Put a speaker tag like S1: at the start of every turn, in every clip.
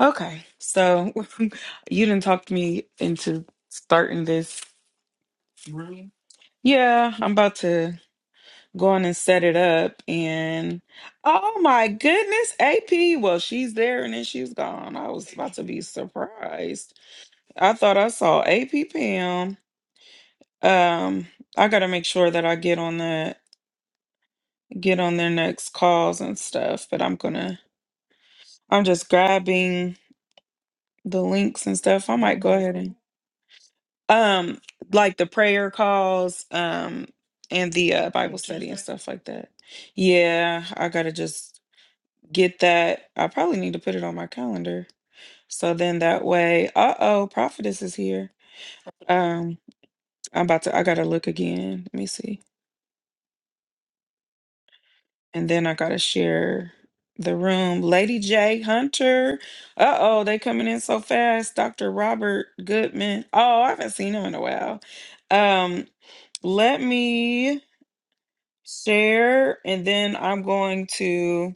S1: Okay, so you didn't talk me into starting this room. Yeah, I'm about to go on and set it up. And oh my goodness, AP. Well, she's there and then she's gone. I was about to be surprised. I thought I saw AP Pam. Um, I gotta make sure that I get on the get on their next calls and stuff. But I'm gonna. I'm just grabbing the links and stuff. I might go ahead and. Um, like the prayer calls, um, and the uh, Bible study and stuff like that. Yeah, I gotta just get that. I probably need to put it on my calendar. So then that way, uh oh, prophetess is here. Um, I'm about to. I gotta look again. Let me see, and then I gotta share the room. Lady J Hunter. Uh oh, they coming in so fast. Doctor Robert Goodman. Oh, I haven't seen him in a while. Um, let me. share and then I'm going to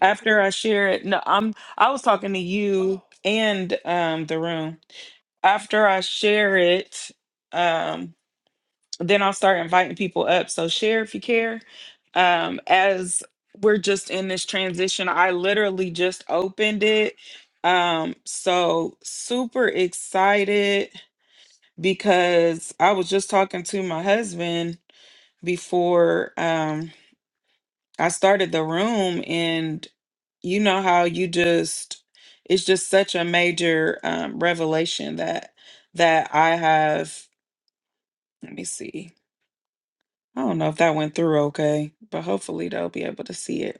S1: after I share it. No, I'm I was talking to you and um the room. After I share it, um then I'll start inviting people up. So share if you care. Um as we're just in this transition, I literally just opened it. Um so super excited because I was just talking to my husband before um I started the room and you know how you just it's just such a major um revelation that that I have let me see. I don't know if that went through okay, but hopefully they'll be able to see it.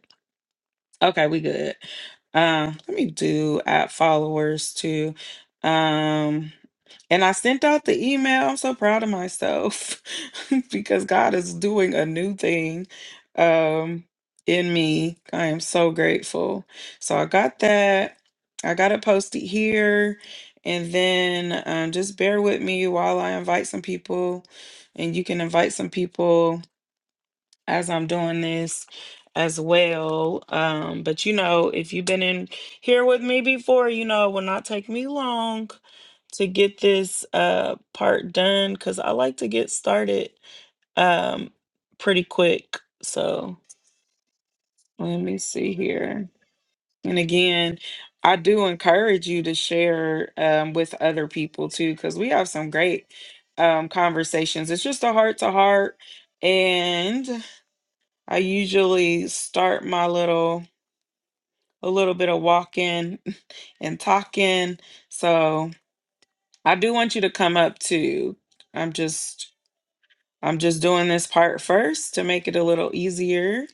S1: Okay, we good. Uh, let me do add followers too. Um, and I sent out the email. I'm so proud of myself because God is doing a new thing um in me. I am so grateful. So I got that. I got it posted here. And then um, just bear with me while I invite some people, and you can invite some people as I'm doing this as well. Um, but you know, if you've been in here with me before, you know, it will not take me long to get this uh part done because I like to get started um pretty quick. So let me see here. And again, I do encourage you to share um, with other people too, because we have some great um, conversations. It's just a heart to heart. and. I usually start my little a little bit of walking and talking. So I do want you to come up too. I'm just I'm just doing this part first to make it a little easier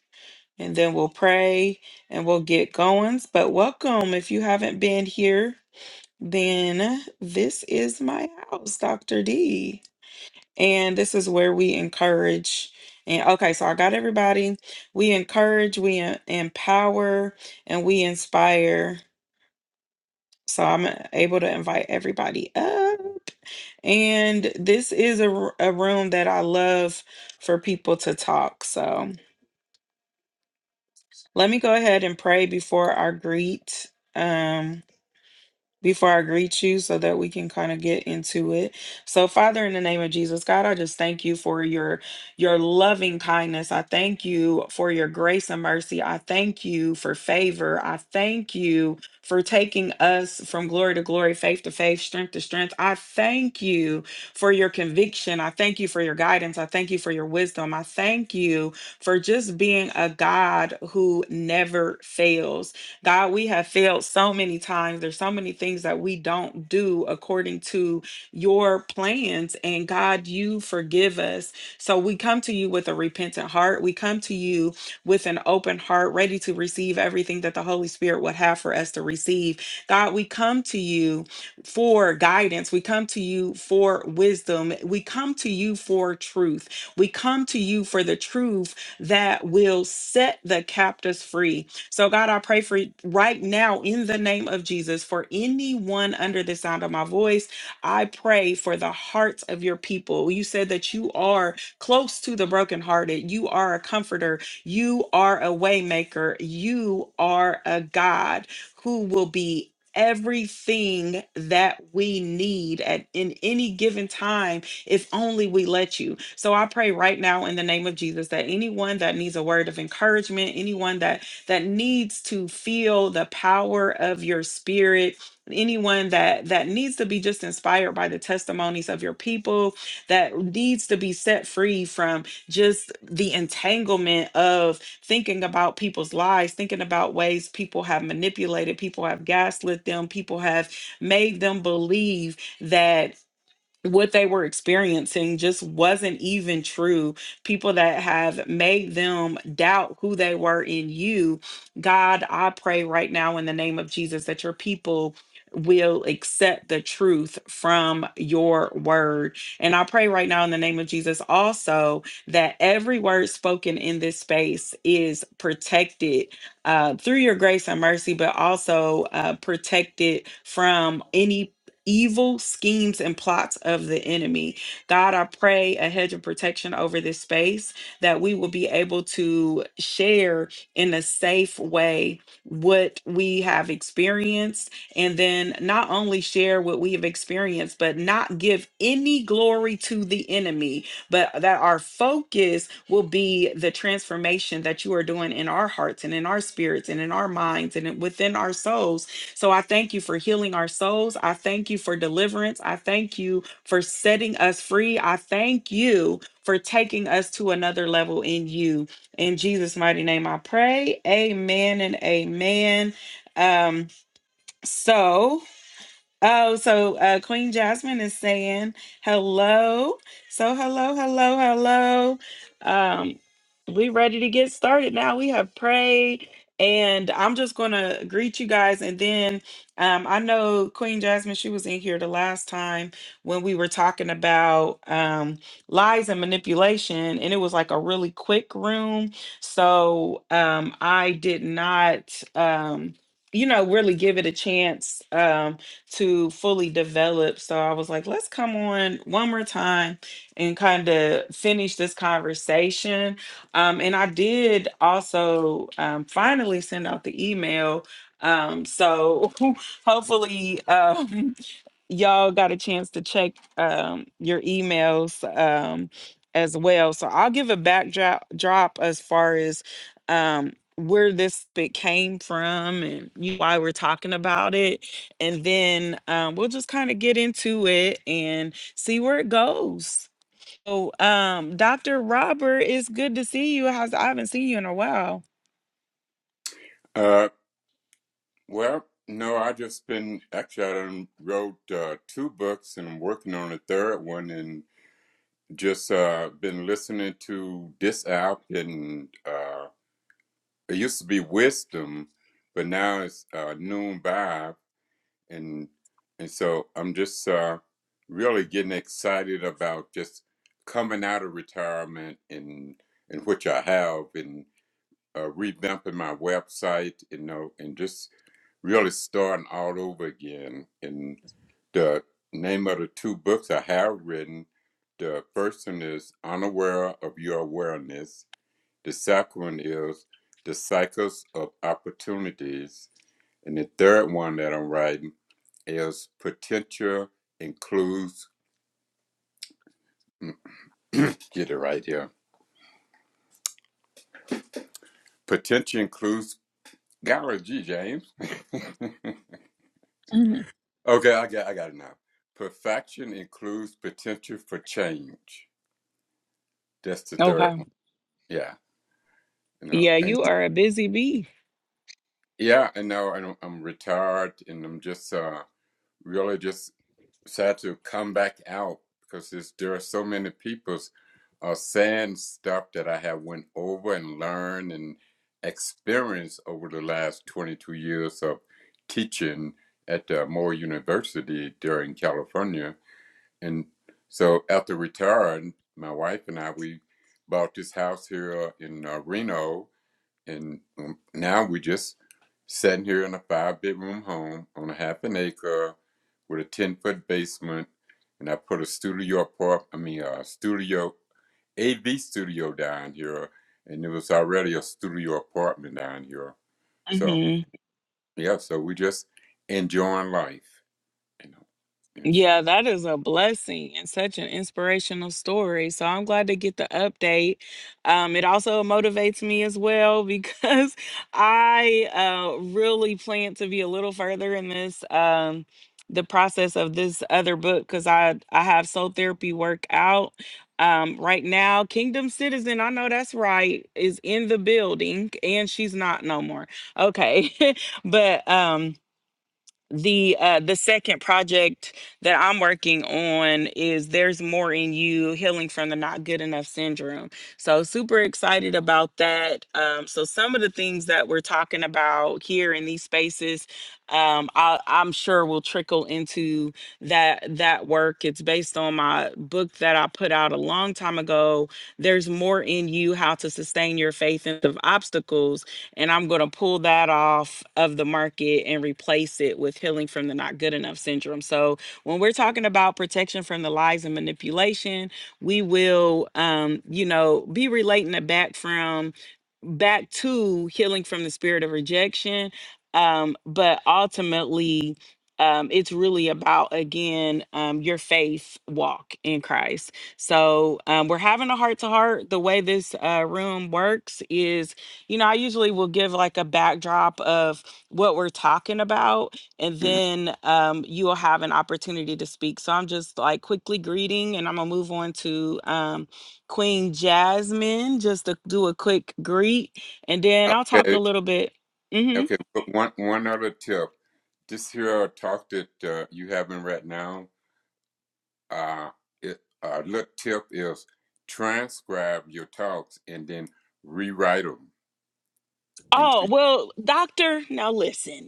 S1: and then we'll pray and we'll get going. But welcome if you haven't been here, then this is my house, Dr. D. And this is where we encourage. And okay, so I got everybody. We encourage, we en- empower, and we inspire. So I'm uh, able to invite everybody up. And this is a, r- a room that I love for people to talk. So let me go ahead and pray before I greet. Um, before I greet you so that we can kind of get into it. So Father in the name of Jesus God, I just thank you for your your loving kindness. I thank you for your grace and mercy. I thank you for favor. I thank you for taking us from glory to glory, faith to faith, strength to strength. I thank you for your conviction. I thank you for your guidance. I thank you for your wisdom. I thank you for just being a God who never fails. God, we have failed so many times. There's so many things that we don't do according to your plans. And God, you forgive us. So we come to you with a repentant heart. We come to you with an open heart, ready to receive everything that the Holy Spirit would have for us to receive. God, we come to you for guidance. We come to you for wisdom. We come to you for truth. We come to you for the truth that will set the captives free. So, God, I pray for right now in the name of Jesus for anyone under the sound of my voice. I pray for the hearts of your people. You said that you are close to the brokenhearted. You are a comforter. You are a waymaker. You are a God who will be everything that we need at in any given time if only we let you so i pray right now in the name of jesus that anyone that needs a word of encouragement anyone that that needs to feel the power of your spirit anyone that that needs to be just inspired by the testimonies of your people that needs to be set free from just the entanglement of thinking about people's lives thinking about ways people have manipulated people have gaslit them people have made them believe that what they were experiencing just wasn't even true. People that have made them doubt who they were in you. God, I pray right now in the name of Jesus that your people will accept the truth from your word. And I pray right now in the name of Jesus also that every word spoken in this space is protected uh, through your grace and mercy, but also uh, protected from any evil schemes and plots of the enemy. God, I pray a hedge of protection over this space that we will be able to share in a safe way what we have experienced and then not only share what we have experienced, but not give any glory to the enemy, but that our focus will be the transformation that you are doing in our hearts and in our spirits and in our minds and in- within our souls so I thank you for healing our souls. I thank you for deliverance. I thank you for setting us free. I thank you for taking us to another level in you. In Jesus' mighty name, I pray. Amen and amen. Um, so Oh, so uh, Queen Jasmine is saying hello. So hello, hello, hello. Um, we ready to get started now. We have prayed, and I'm just gonna greet you guys, and then um, I know Queen Jasmine. She was in here the last time when we were talking about um, lies and manipulation, and it was like a really quick room. So um, I did not. Um, you know, really give it a chance. Um, to fully develop. So I was like, let's come on one more time and kind of finish this conversation. Um, and I did also um, finally send out the email. Um, so hopefully, um, y'all got a chance to check um, your emails um, as well. So I'll give a backdrop drop as far as um, where this bit came from and you- why we're talking about it. And then um, we'll just kind of get into it and see where it goes. So, um, Dr. Robert, it's good to see you. How's I haven't seen you in a while.
S2: Uh, well, no, I just been actually I done wrote uh, two books and I'm working on a third one and just uh, been listening to this app and uh, it used to be Wisdom, but now it's uh, Noon Vibe and and so I'm just uh, really getting excited about just coming out of retirement and and which I have and uh, revamping my website, you know, and just really starting all over again. And the name of the two books I have written, the first one is Unaware of Your Awareness. The second one is The Cycles of Opportunities. And the third one that I'm writing is Potential Includes, get it right here. Potential Includes, golly gee, James.
S1: Mhm.
S2: Okay, I got I got it now. Perfection includes potential for change. That's the third
S1: Okay.
S2: one. Yeah, you know,
S1: Yeah,
S2: and
S1: you are a busy bee.
S2: yeah, and now I'm, I'm retired, and I'm just uh, really just sad to come back out because there's, there are so many people's uh, saying stuff that I have went over and learned and experienced over the last 22 years of teaching at uh, Moore University there in California And so after retiring, my wife and I, we bought this house here uh, in uh, Reno. And um, now we are just sitting here in a five bedroom home on a half an acre with a 10 foot basement. And I put a studio apartment I mean, a studio, AV studio down here. And it was already a studio apartment down here. So, yeah, so we just enjoying life, you know. And so,
S1: Yeah, that is a blessing and such an inspirational story. So I'm glad to get the update. Um, it also motivates me as well because I uh, really plan to be a little further in this um, the process of this other book because I I have soul therapy work out um, right now. Kingdom Citizen, I know that's right, is in the building and she's not no more. Okay, but um the uh the second project that i'm working on is there's more in you healing from the not good enough syndrome so super excited about that um so some of the things that we're talking about here in these spaces um I, i'm sure will trickle into that that work it's based on my book that i put out a long time ago there's more in you how to sustain your faith in Midst of obstacles and I'm going to pull that off of the market and replace it with healing from the not good enough syndrome. So when we're talking about protection from the lies and manipulation, we will, um, you know, be relating it back from back to healing from the spirit of rejection. Um, but ultimately, um, it's really about again um, your faith walk in Christ. So um, we're having a heart to heart. The way this uh, room works is you know, I usually will give like a backdrop of what we're talking about, and then um, you will have an opportunity to speak. So I'm just like quickly greeting, and I'm gonna move on to um, Queen Jasmine just to do a quick greet, and then I'll
S2: mhm.
S1: talk a little bit. hmm
S2: Okay, but one one other tip. This here uh, talk that uh, you having right now, uh, it, uh, little tip is transcribe your talks and then rewrite them
S1: Oh,
S2: into.
S1: well, Doctor, now listen.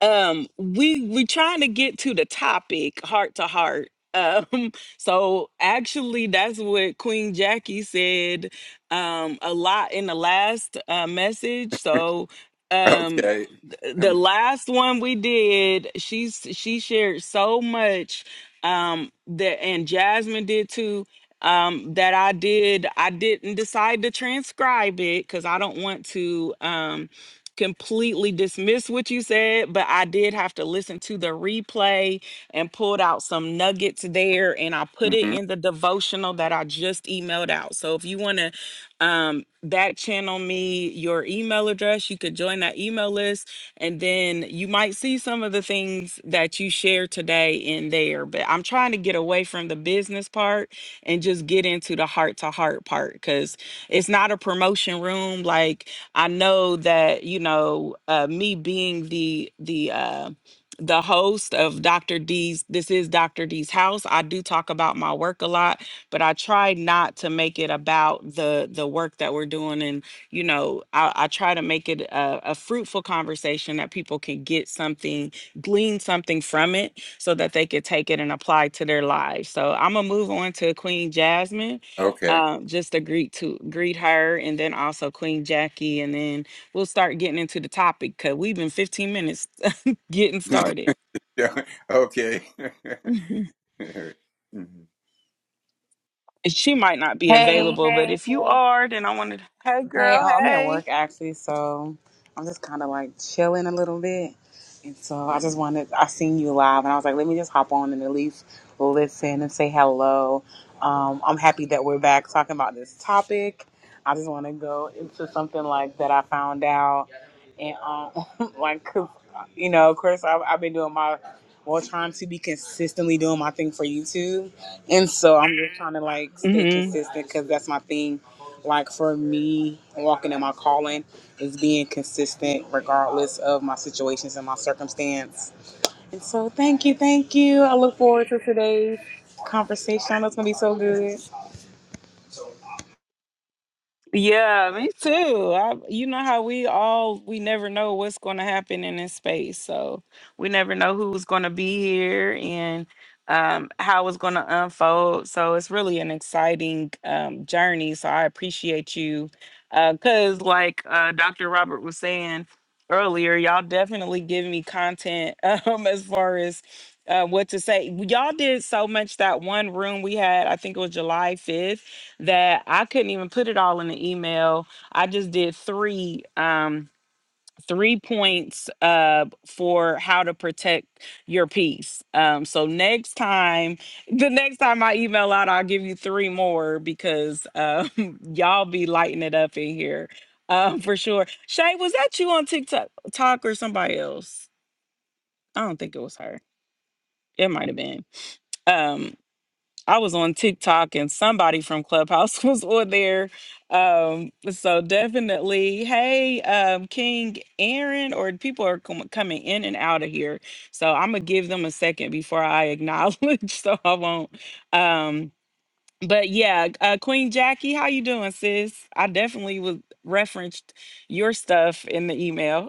S1: um we we trying to get to the topic heart to heart um so actually that's what queen jackie said um a lot in the last uh message so um
S2: Okay.
S1: th- the last one we did she's she shared so much um that and jasmine did too um that i did i didn't decide to transcribe it because i don't want to Um, completely dismiss what you said, but I did have to listen to the replay and pulled out some nuggets there and I put it
S2: hmm
S1: in the devotional that I just emailed out. So if you want to um back channel me your email address, you could join that email list and then you might see some of the things that you shared today in there. But I'm trying to get away from the business part and just get into the heart to heart part cuz it's not a promotion room like I know that you know uh, me being the the uh, the host of Dr. D's. This is Dr. D's house. I do talk about my work a lot, but I try not to make it about the the work that we're doing, and you know, I, I try to make it a, a fruitful conversation that people can get something, glean something from it, so that they could take it and apply to their lives. So I'm gonna move on to Queen Jasmine
S2: Okay.
S1: um, just to greet to greet her and then also Queen Jackie, and then we'll start getting into the topic because we've been 15 minutes getting started.
S2: Yeah, okay.
S1: Mhm.
S2: Mhm.
S1: And She might not be
S3: Hey,
S1: available, but
S3: hey,
S1: if you are, then I wanted, hey
S3: hey.
S1: girl,
S3: Oh, I'm at
S1: hey.
S3: work actually, so I'm just kind of like chilling a little bit. And so I just wanted, I seen you live and I was like, let me just hop on and at least listen and say hello. Um, I'm happy that we're back talking about this topic. I just want to go into something like that I found out. And um, like, 'cause, you know, of course, I've, I've been doing my more trying to be consistently doing my thing for YouTube. And so I'm just trying to like stay consistent because that's my thing. Like for me, walking in my calling is being consistent regardless of my situations and my circumstance. And so thank you, thank you. I look forward to today's conversation. I know it's gonna be so good.
S1: Yeah, me too. I, you know how we all we never know what's going to happen in this space, so we never know who's going to be here and um, how it's going to unfold. So it's really an exciting um, journey. So I appreciate you, because like uh, Dr. Robert was saying earlier, y'all definitely give me content um, as far as. Uh, what to say? Y'all did so much that one room we had. I think it was July fifth that I couldn't even put it all in the email. I just did three um three points uh for how to protect your peace. Um so next time the next time I email out I'll give you three more because um y'all be lighting it up in here. Um for sure. Shay, was that you on TikTok talk or somebody else? I don't think it was her. It might have been. Um I was on TikTok and somebody from Clubhouse was on there. Um, so definitely, hey, um, King Aaron, or people are com- coming in and out of here. So I'm gonna give them a second before I acknowledge, so I won't. Um, but yeah, uh, Queen Jackie, how you doing, sis? I definitely was referenced your stuff in the email.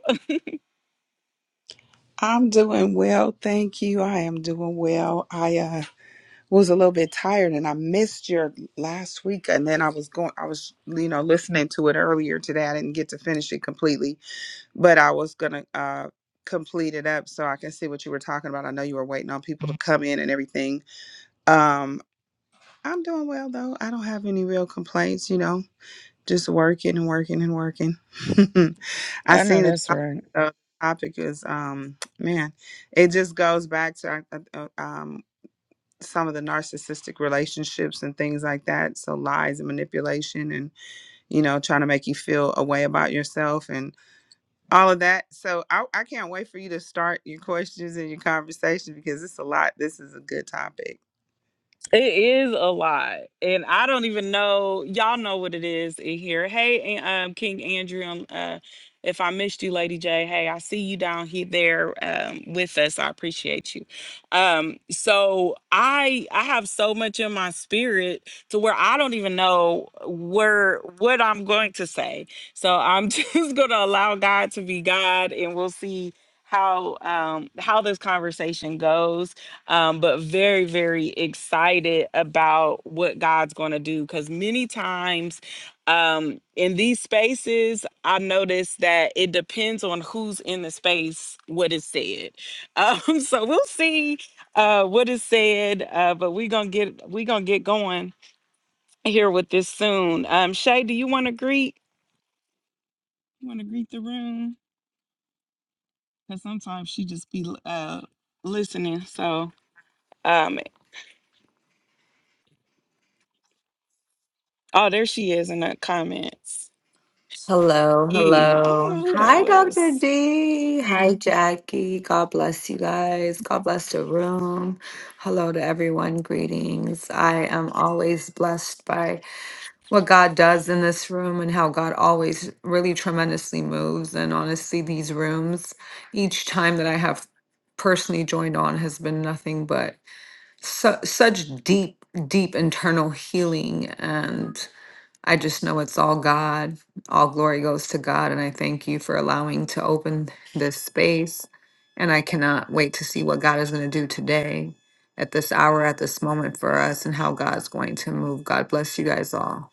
S4: I'm doing well, thank you. I am doing well. I uh, was a little bit tired, and I missed your last week. And then I was going, I was, you know, listening to it earlier today. I didn't get to finish it completely, but I was gonna uh, complete it up so I can see what you were talking about. I know you were waiting on people to come in and everything. Um, I'm doing well though. I don't have any real complaints. You know, just working and working and working. I
S1: I know
S4: seen the
S1: that's
S4: topic.
S1: right.
S4: uh, topic is um man, it just goes back to uh, uh, um some of the narcissistic relationships and things like that. So lies and manipulation, and you know, trying to make you feel a way about yourself all of that. So I, I can't wait for you to start your questions and your conversation because it's a lot. This is a good topic.
S1: It is a lot. And I don't even know. Y'all know what it is in here. Hey, An- um, King Andrew, um, uh, if I missed you, Lady J, hey, I see you down here there um, with us. I appreciate you. Um, so I I have so much in my spirit to where I don't even know where what I'm going to say. So I'm just gonna allow God to be God and we'll see how um how this conversation goes um, but very, very excited about what God's going to do. Because many times um, in these spaces, I notice that it depends on who's in the space, what is said. Um, so we'll see uh, what is said, uh, but we're gonna get we're gonna get going here with this soon. Um, Shay, do you want to greet? You want to greet the room? Because sometimes she just be uh, listening. So um, oh, there she is in the comments.
S5: Hello,
S1: you. I don't know
S5: hello.
S1: who that
S5: Hi, Dr.
S1: was.
S5: D. Hi,
S1: Hey.
S5: Jackie. God bless you guys. God bless the room. Hello to everyone. Greetings. I am always blessed by what God does in this room and how God always really tremendously moves. And honestly, these rooms, each time that I have personally joined on, has been nothing but su- such deep, deep internal healing. and. I just know it's all God. All glory goes to God. And I thank you for allowing to open this space. And I cannot wait to see what God is going to do today, at this hour, at this moment for us, and how God's going to move. God bless you guys all.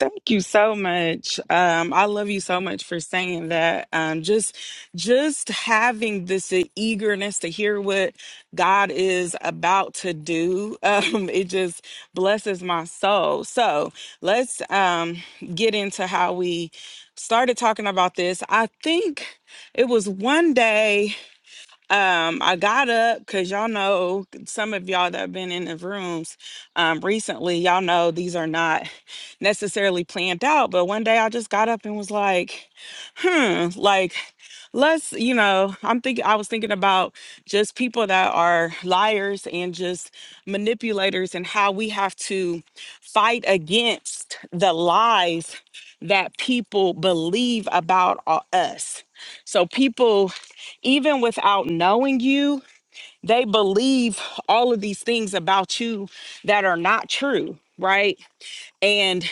S1: Thank you so much. Um, I love you so much for saying that. Um, just, just having this e, eagerness to hear what God is about to do. Um, it just blesses my soul. So let's um, get into how we started talking about this. I think it was one day. Um, I got up because y'all know some of y'all that have been in the rooms um, recently, y'all know these are not necessarily planned out. But one day I just got up and was like, hmm, like, let's, you know, I'm thinking, I was thinking about just people that are liars and just manipulators and how we have to fight against the lies that people believe about uh, us. So people even without knowing you, they believe all of these things about you that are not true, right? And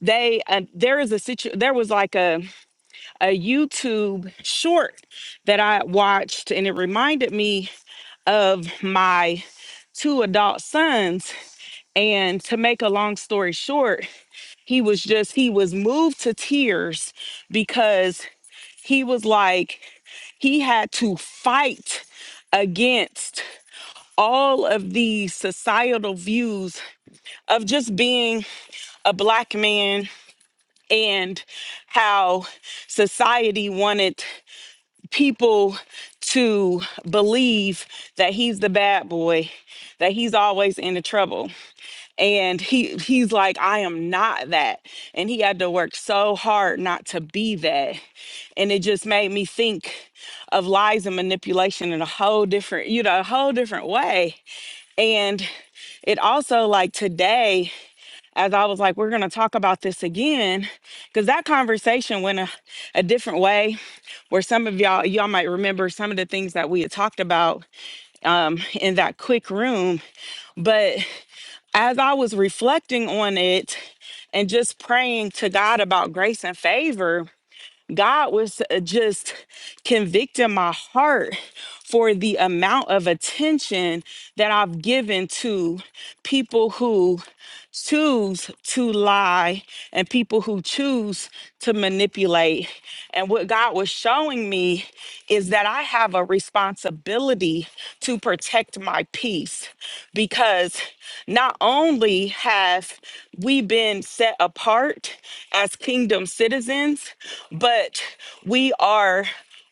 S1: they uh, there is a situ there was like a a YouTube short that I watched and it reminded me of my two adult sons and to make a long story short, he was just he was moved to tears because he was like he had to fight against all of these societal views of just being a black man and how society wanted people to believe that he's the bad boy that he's always into trouble and he he's like I am not that and he had to work so hard not to be that and it just made me think of lies and manipulation in a whole different you know a whole different way and it also like today, as I was like, we're gonna talk about this again, because that conversation went a, a different way where some of y'all y'all might remember some of the things that we had talked about in that quick room. But as I was reflecting on it and just praying to God about grace and favor, God was uh, just convicting my heart for the amount of attention that I've given to people who choose to lie and people who choose to manipulate. And what God was showing me is that I have a responsibility to protect my peace because not only have we been set apart as kingdom citizens, but we are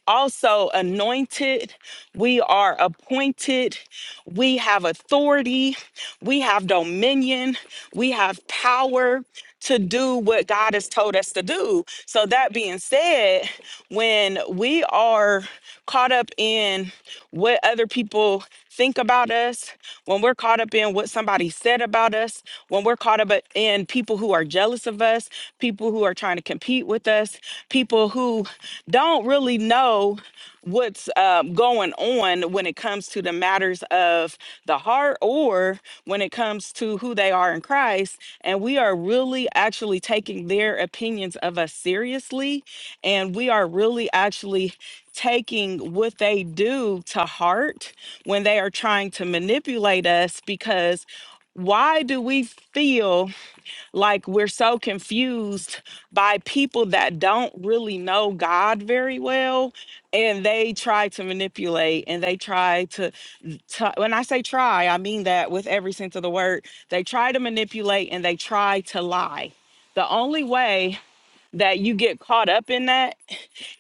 S1: also anointed. We are appointed. We have authority. We have dominion. We have power to do what God has told us to do. So, that being said, when we are caught up in what other people think about us, when we're caught up in what somebody said about us, when we're caught up in people who are jealous of us, people who are trying to compete with us, people who don't really know what's um, going on when it comes to the matters of the heart or when it comes to who they are in Christ. And we are really actually taking their opinions of us seriously. And we are really actually taking what they do to heart when they are trying to manipulate us because why do we feel like we're so confused by people that don't really know God very well and they try to manipulate and they try to, to when I say try I mean that with every sense of the word they try to manipulate and they try to lie the only way that you get caught up in that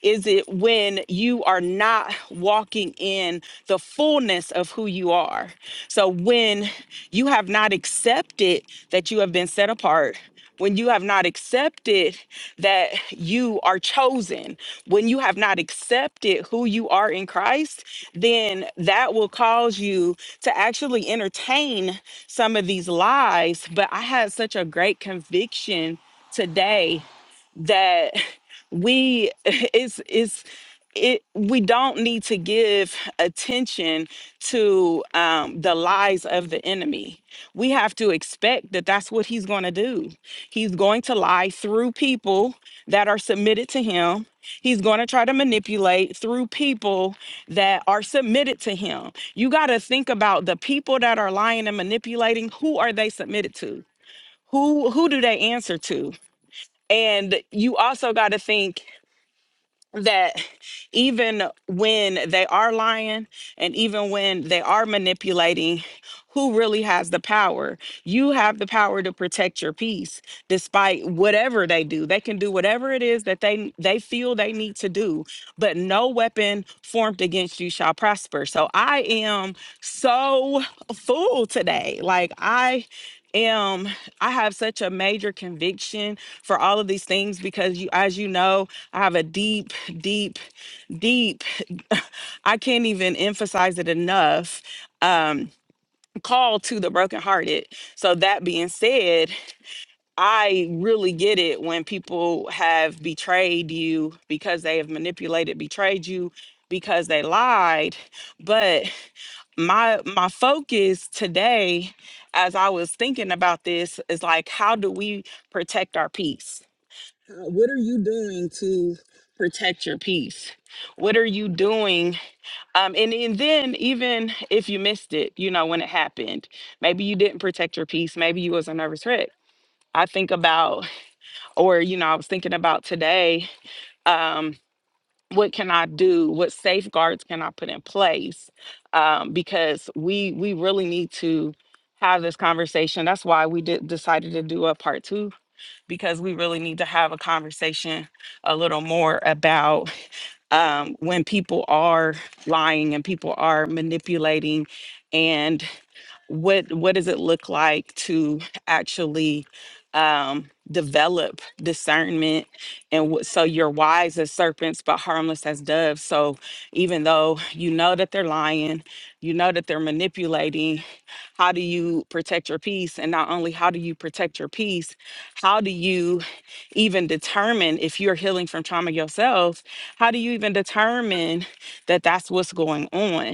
S1: is it when you are not walking in the fullness of who you are? So when you have not accepted that you have been set apart, when you have not accepted that you are chosen, when you have not accepted who you are in Christ, then that will cause you to actually entertain some of these lies. But I had such a great conviction today that we it's it's it we don't need to give attention to um, the lies of the enemy we have to expect that that's what he's going to do he's going to lie through people that are submitted to him he's going to try to manipulate through people that are submitted to him you got to think about the people that are lying and manipulating who are they submitted to who who do they answer to and you also got to think that even when they are lying and even when they are manipulating, who really has the power? You have the power to protect your peace despite whatever they do. They can do whatever it is that they they feel they need to do, but no weapon formed against you shall prosper. So I am so full today. Like I am I have such a major conviction for all of these things because you as you know, I have a deep deep deep I can't even emphasize it enough. Um call to the brokenhearted. So that being said, I really get it when people have betrayed you because they have manipulated, betrayed you because they lied. But my my focus today as I was thinking about this is like how do we protect our peace? How- What are you doing to protect your peace? What are you doing um, and, and then even if you missed it, you know, when it happened, maybe you didn't protect your peace, maybe you was a nervous wreck. I think about, or you know, I was thinking about today, um, what can I do? What safeguards can I put in place? Um, because we we really need to have this conversation. That's why we did decided to do a part two, because we really need to have a conversation a little more about um, when people are lying and people are manipulating. And what what does it look like to actually um develop discernment and what so you're wise as serpents but harmless as doves so even though you know that they're lying you know that they're manipulating how do you protect your peace and not only how do you protect your peace how do you even determine if you're healing from trauma yourself how do you even determine that that's what's going on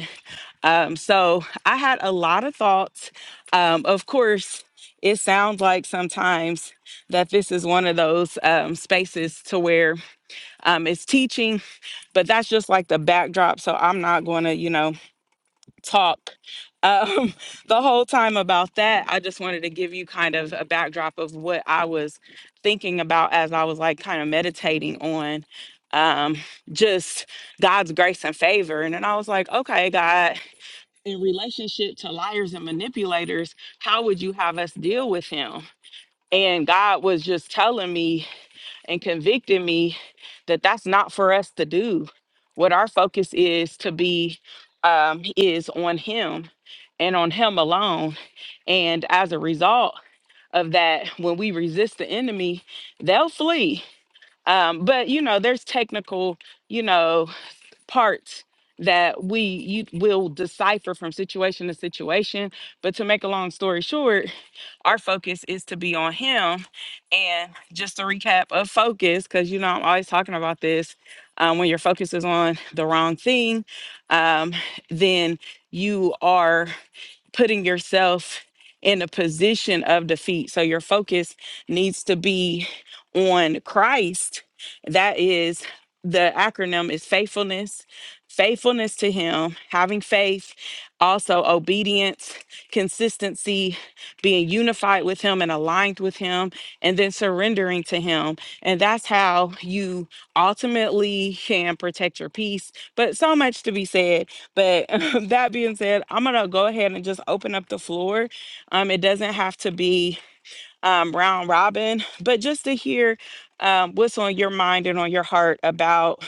S1: um, so I had a lot of thoughts. Um, of course, it sounds like sometimes that this is one of those um, spaces to where um, it's teaching, but that's just like the backdrop. So I'm not going to, you know, talk um, the whole time about that. I just wanted to give you kind of a backdrop of what I was thinking about as I was like kind of meditating on um, just God's grace and favor. And then I was like, okay, God in relationship to liars and manipulators, how would you have us deal with him? And God was just telling me and convicting me that that's not for us to do. What our focus is to be um, is on Him and on Him alone. And as a result of that, when we resist the enemy, they'll flee. Um, but you know, there's technical, you know, parts that we you will decipher from situation to situation but to make a long story short our focus is to be on him and just a recap of focus because you know i'm always talking about this um, when your focus is on the wrong thing um, then you are putting yourself in a position of defeat. So your focus needs to be on Christ. That is the acronym is faithfulness, faithfulness to him, having faith, also obedience, consistency, being unified with him and aligned with him, and then surrendering to him. And that's how you ultimately can protect your peace. But so much to be said. But that being said, I'm gonna go ahead and just open up the floor. Um, it doesn't have to be um, round robin, but just to hear um, what's on your mind and on your heart about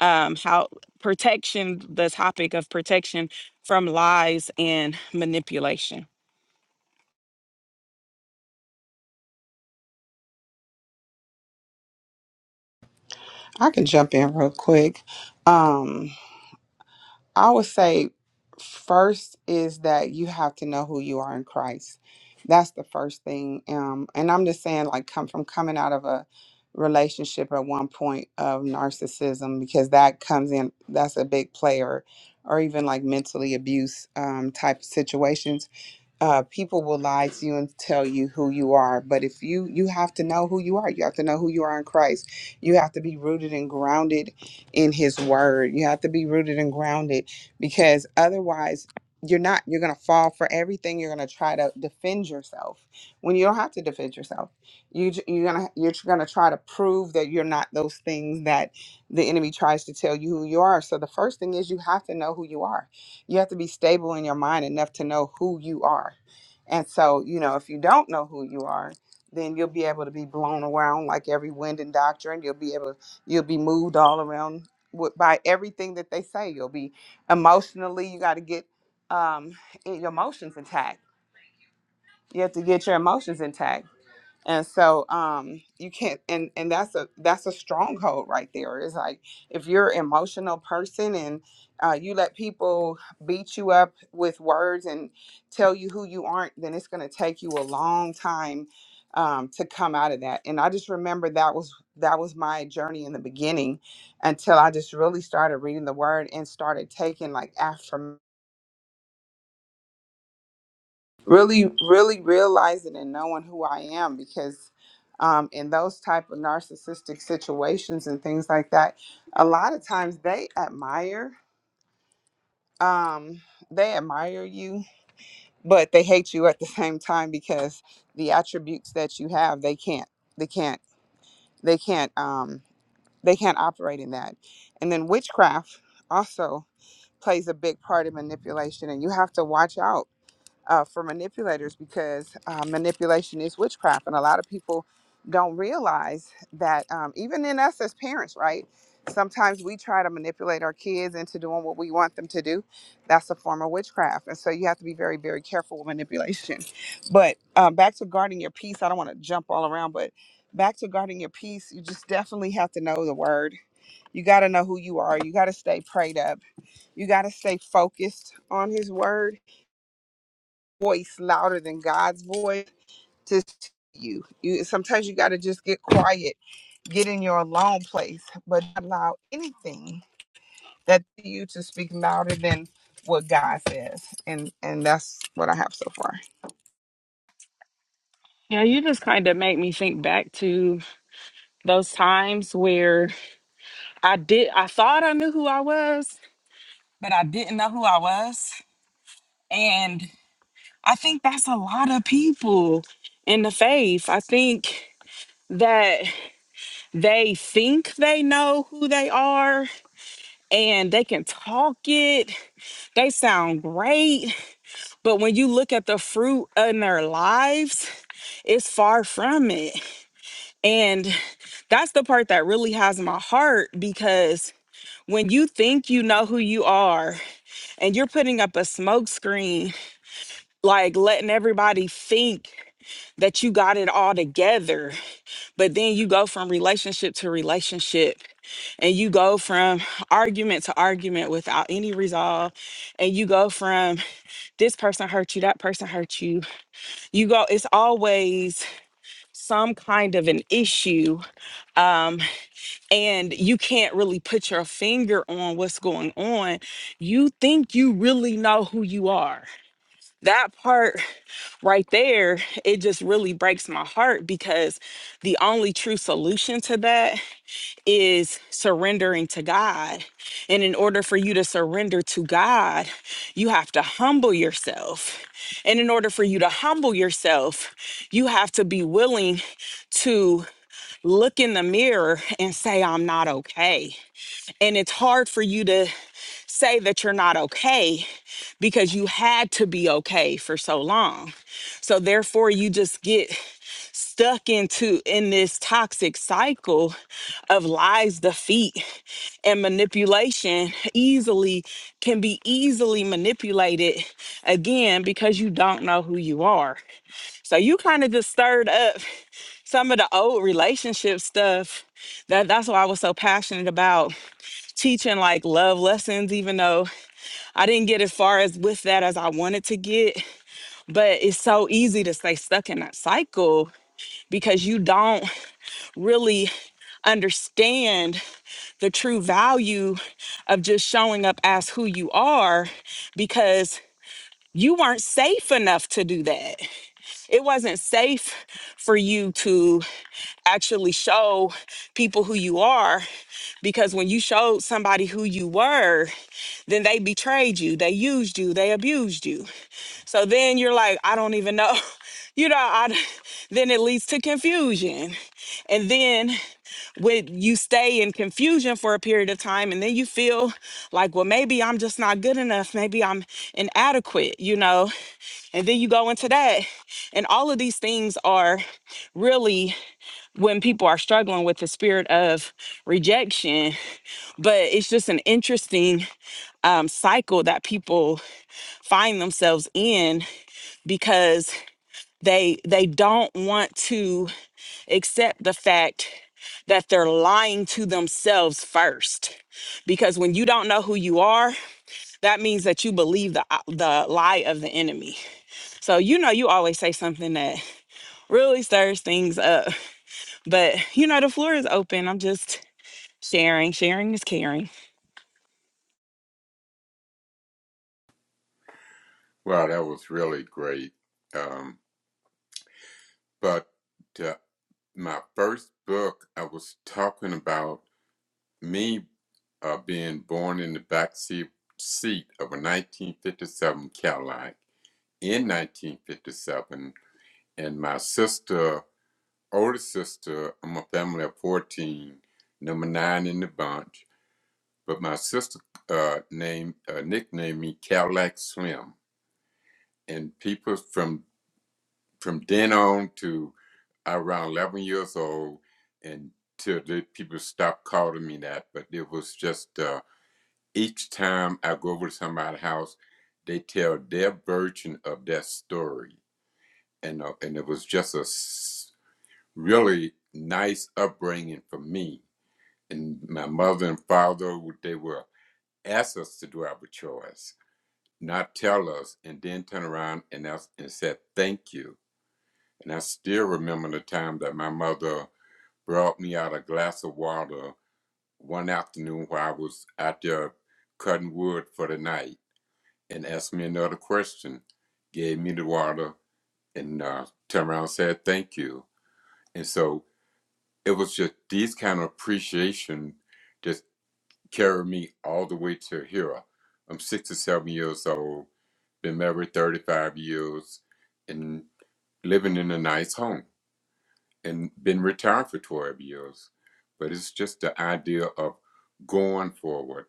S1: um, how protection, the topic of protection from lies and manipulation.
S4: I can jump in real quick. Um, I would say first is that you have to know who you are in Christ. That's the first thing. Um, and I'm just saying, like, come from coming out of a relationship at one point of narcissism because that comes in. That's a big player, or even like mentally abuse um, type situations uh, people will lie to you and tell you who you are but if you you have to know who you are you have to know who you are in christ you have to be rooted and grounded in his word you have to be rooted and grounded because otherwise you're not you're going to fall for everything you're going to try to defend yourself when you don't have to defend yourself you j- you're going to you're going to try to prove that you're not those things that the enemy tries to tell you who you are so the first thing is you have to know who you are you have to be stable in your mind enough to know who you are. And so, you know, if you don't know who you are, then you'll be able to be blown around like every wind and doctrine. You'll be able, you'll be moved all around with, by everything that they say. You'll be emotionally, you got to get um, your emotions intact. You have to get your emotions intact and so um you can't and and that's a that's a stronghold right there it's like if you're an emotional person and uh, you let people beat you up with words and tell you who you aren't then it's going to take you a long time um, to come out of that and i just remember that was that was my journey in the beginning until i just really started reading the word and started taking like affirmations really really realizing and knowing who i am because um, in those type of narcissistic situations and things like that a lot of times they admire um, they admire you but they hate you at the same time because the attributes that you have they can't they can't they can't um, they can't operate in that and then witchcraft also plays a big part of manipulation and you have to watch out uh, for manipulators because uh, manipulation is witchcraft, and a lot of people don't realize that um, even in us as parents, right? Sometimes we try to manipulate our kids into doing what we want them to do. That's a form of witchcraft, and so you have to be very, very careful with manipulation. But um, back to guarding your peace. I don't want to jump all around, but back to guarding your peace, you just definitely have to know the word. You got to know who you are. You got to stay prayed up. You got to stay focused on His word voice louder than God's voice to see you. You sometimes you got to just get quiet, get in your alone place, but not allow anything that you to speak louder than what God says. And and that's what I have so far.
S1: Yeah, you just kind of make me think back to those times where I did, I thought I knew who I was, but I didn't know who I was. And I think that's a lot of people in the faith. I think that they think they know who they are and they can talk it. They sound great. But when you look at the fruit in their lives, it's far from it. And that's the part that really has my heart because when you think you know who you are and you're putting up a smoke screen. like letting everybody think that you got it all together. But then you go from relationship to relationship and you go from argument to argument without any resolve. And you go from this person hurt you, that person hurt you. You go, it's always some kind of an issue. Um, and you can't really put your finger on what's going on. You think you really know who you are. That part right there, it just really breaks my heart because the only true solution to that is surrendering to God. And in order for you to surrender to God, you have to humble yourself. And in order for you to humble yourself, you have to be willing to look in the mirror and say, I'm not okay. And it's hard for you to say that you're not okay because you had to be okay for so long. So therefore you just get stuck into in this toxic cycle of lies, defeat and manipulation easily can be easily manipulated again because you don't know who you are. So you kind of just stirred up some of the old relationship stuff. That that's why I was so passionate about teaching like love lessons even though I didn't get as far as with that as I wanted to get but it's so easy to stay stuck in that cycle because you don't really understand the true value of just showing up as who you are because you weren't safe enough to do that. It wasn't safe for you to actually show people who you are because when you showed somebody who you were, then they betrayed you, they used you, they abused you. So then you're like, I don't even know. You know, I, then it leads to confusion. And then when you stay in confusion for a period of time, and then you feel like, well, maybe I'm just not good enough. Maybe I'm inadequate, you know? And then you go into that. And all of these things are really when people are struggling with the spirit of rejection. But it's just an interesting um, cycle that people find themselves in because they they don't want to accept the fact that they're lying to themselves first because when you don't know who you are that means that you believe the uh, the lie of the enemy so you know you always say something that really stirs things up but you know the floor is open i'm just sharing sharing is caring
S2: Wow, that was really great. Um, but uh, my first book, I was talking about. me uh, being born in the back seat, seat of a 1957 Cadillac in 1957, and my sister, older sister, I'm a family of 14, number nine in the bunch, but my sister uh, named uh, nicknamed me Cadillac Slim, and people from from then on to around 11 years old, and till the people stopped calling me that, but it was just. Uh, Each time I go over to somebody's house, they tell their version of that story, and uh, and it was just a really nice upbringing for me. And my mother and father, they were asked us to do our chores, not tell us, and then turn around and ask, and said thank you. And I still remember the time that my mother brought me out a glass of water one afternoon while I was out there cutting wood for the night and asked me another question, gave me the water, and uh, turned around and said thank you. And so it was just these kind of appreciation just carried me all the way to here. I'm 67 years old, been married 35 years, and living in a nice home, and been retired for 12 years. But it's just the idea of going forward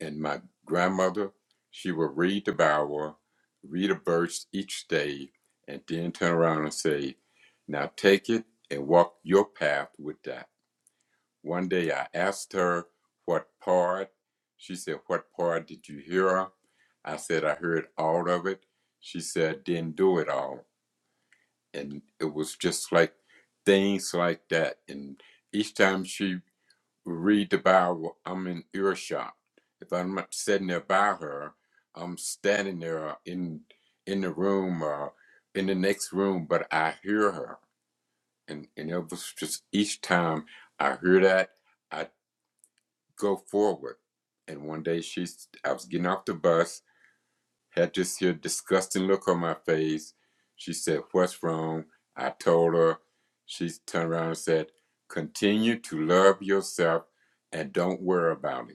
S2: And my grandmother, she would read the Bible, read a verse each day, and then turn around and say, Now take it and walk your path with that. One day I asked her what part. She said, What part did you hear? I said, I heard all of it. She said, Then do it all. And it was just like things like that. And each time she read the Bible. I'm in earshot. If I'm not sitting there by her, I'm standing there in in the room or in the next room, but I hear her. And and it was just each time I hear that, I go forward. And one day she's I was getting off the bus, had this here disgusting look on my face. She said, What's wrong? I told her. She turned around and said, Continue to love yourself and don't worry about it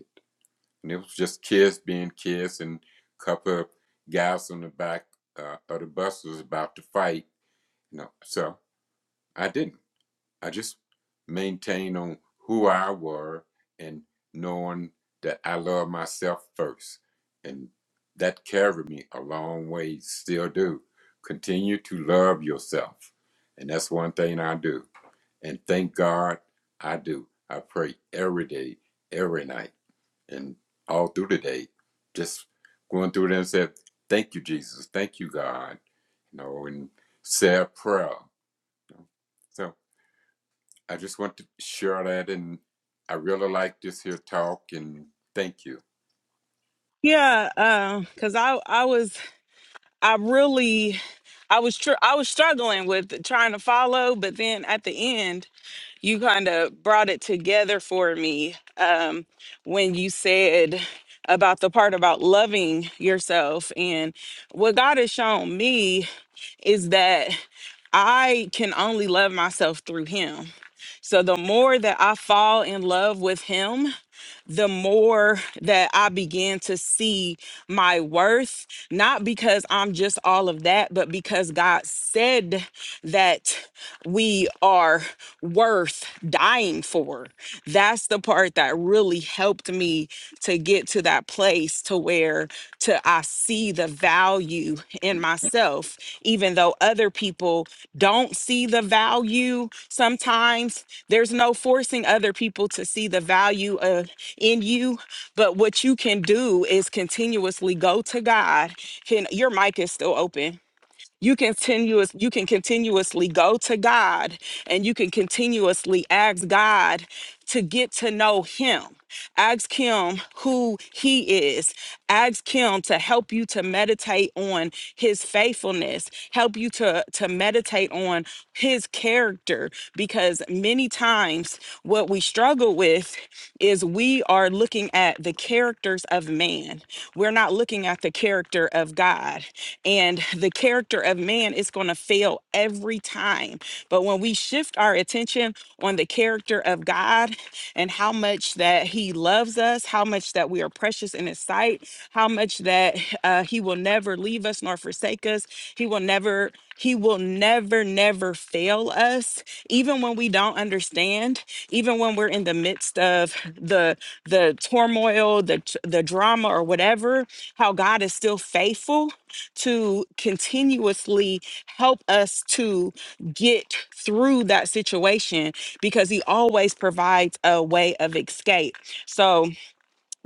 S2: and it was just kids being kids and a couple of guys on the back uh, of the bus was about to fight you know so i didn't i just maintained on who i were and knowing that i love myself first and that carried me a long way still do continue to love yourself and that's one thing i do and thank god i do i pray every day every night and all through the day, just going through there and said, "Thank you, Jesus. Thank you, God." You know, and say a prayer. So I just want to share that, and I really like this here talk, and thank you.
S1: yeah um cuz i i was i really I was tr- I was struggling with trying to follow, but then at the end you kind of brought it together for me um, when you said about the part about loving yourself. And what God has shown me is that I can only love myself through Him. So the more that I fall in love with Him, the more that I begin to see my worth, not because I'm just all of that, but because God said that we are worth dying for. That's the part that really helped me to get to that place to where to I see the value in myself even though other people don't see the value sometimes there's no forcing other people to see the value of in you but what you can do is continuously go to God can your mic is still open you continuous you can continuously go to god and you can continuously ask god to get to know him Ask Him who He is. Ask Him to help you to meditate on His faithfulness, help you to, to meditate on His character, because many times what we struggle with is we are looking at the characters of man. We're not looking at the character of God. And the character of man is going to fail every time. But when we when we shift our attention on the character of God and how much that He loves us, how much that we are precious in His sight, how much that uh, He will never leave us nor forsake us. He will never, He will never, never fail us, even when we don't understand, even when we're in the midst of the the turmoil, the t- the drama, or whatever. How God is still faithful to continuously help us to get through that situation because he always provides a way of escape. So,